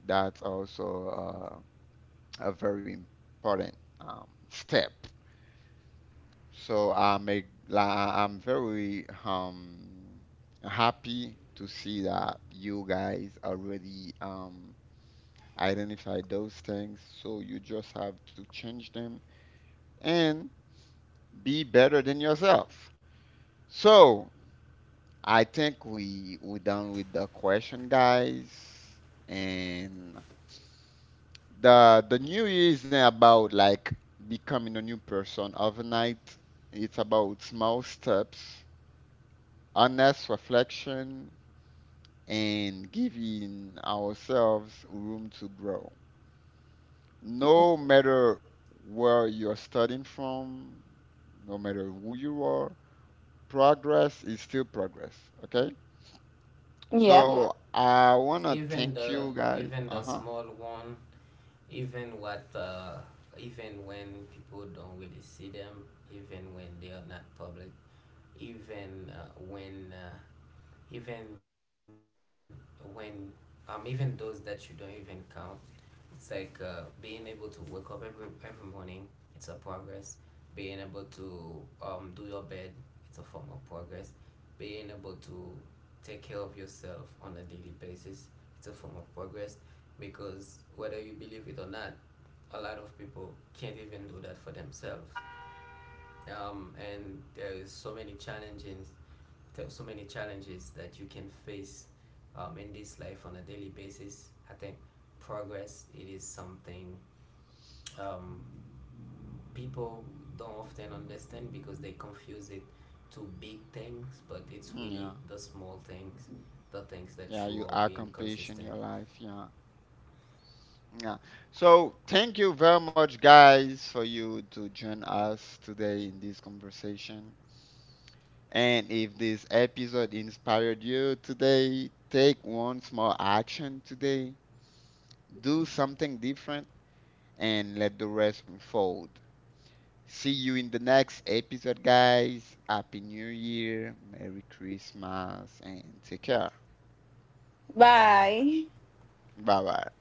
Speaker 1: That's also a very important step. So I'm very happy to see that you guys already identified those things. So you just have to change them and be better than yourself. So I think we done with the question, guys. And the new year isn't about like becoming a new person overnight. It's about small steps, honest reflection, and giving ourselves room to grow. No matter where you're starting from, no matter who you are, progress is still progress. Okay? So I wanna
Speaker 2: Even
Speaker 1: thank
Speaker 2: the
Speaker 1: you guys.
Speaker 2: even the
Speaker 1: Uh huh.
Speaker 2: small one, even what even when people don't really see them, even when they are not public, even uh, when uh, even when even those that you don't even count. It's like being able to wake up every morning. It's a progress. Being able to do your bed. It's a form of progress. Being able to take care of yourself on a daily basis. It's a form of progress, because whether you believe it or not, a lot of people can't even do that for themselves. And there is so many challenges, there are so many challenges that you can face in this life on a daily basis. I think progress it is something um, people don't often understand because they confuse it to big things, but it's really
Speaker 1: Yeah.
Speaker 2: the small things, the things that
Speaker 1: Yeah.
Speaker 2: you
Speaker 1: You
Speaker 2: are being
Speaker 1: accomplished in
Speaker 2: consistent.
Speaker 1: your life. Yeah. Yeah. So thank you very much, guys, for you to join us today in this conversation. And if this episode inspired you today, take one small action today. Do something different and let the rest unfold. See you in the next episode, guys. Happy New Year, Merry Christmas, and take care.
Speaker 2: Bye bye now.
Speaker 1: Bye bye.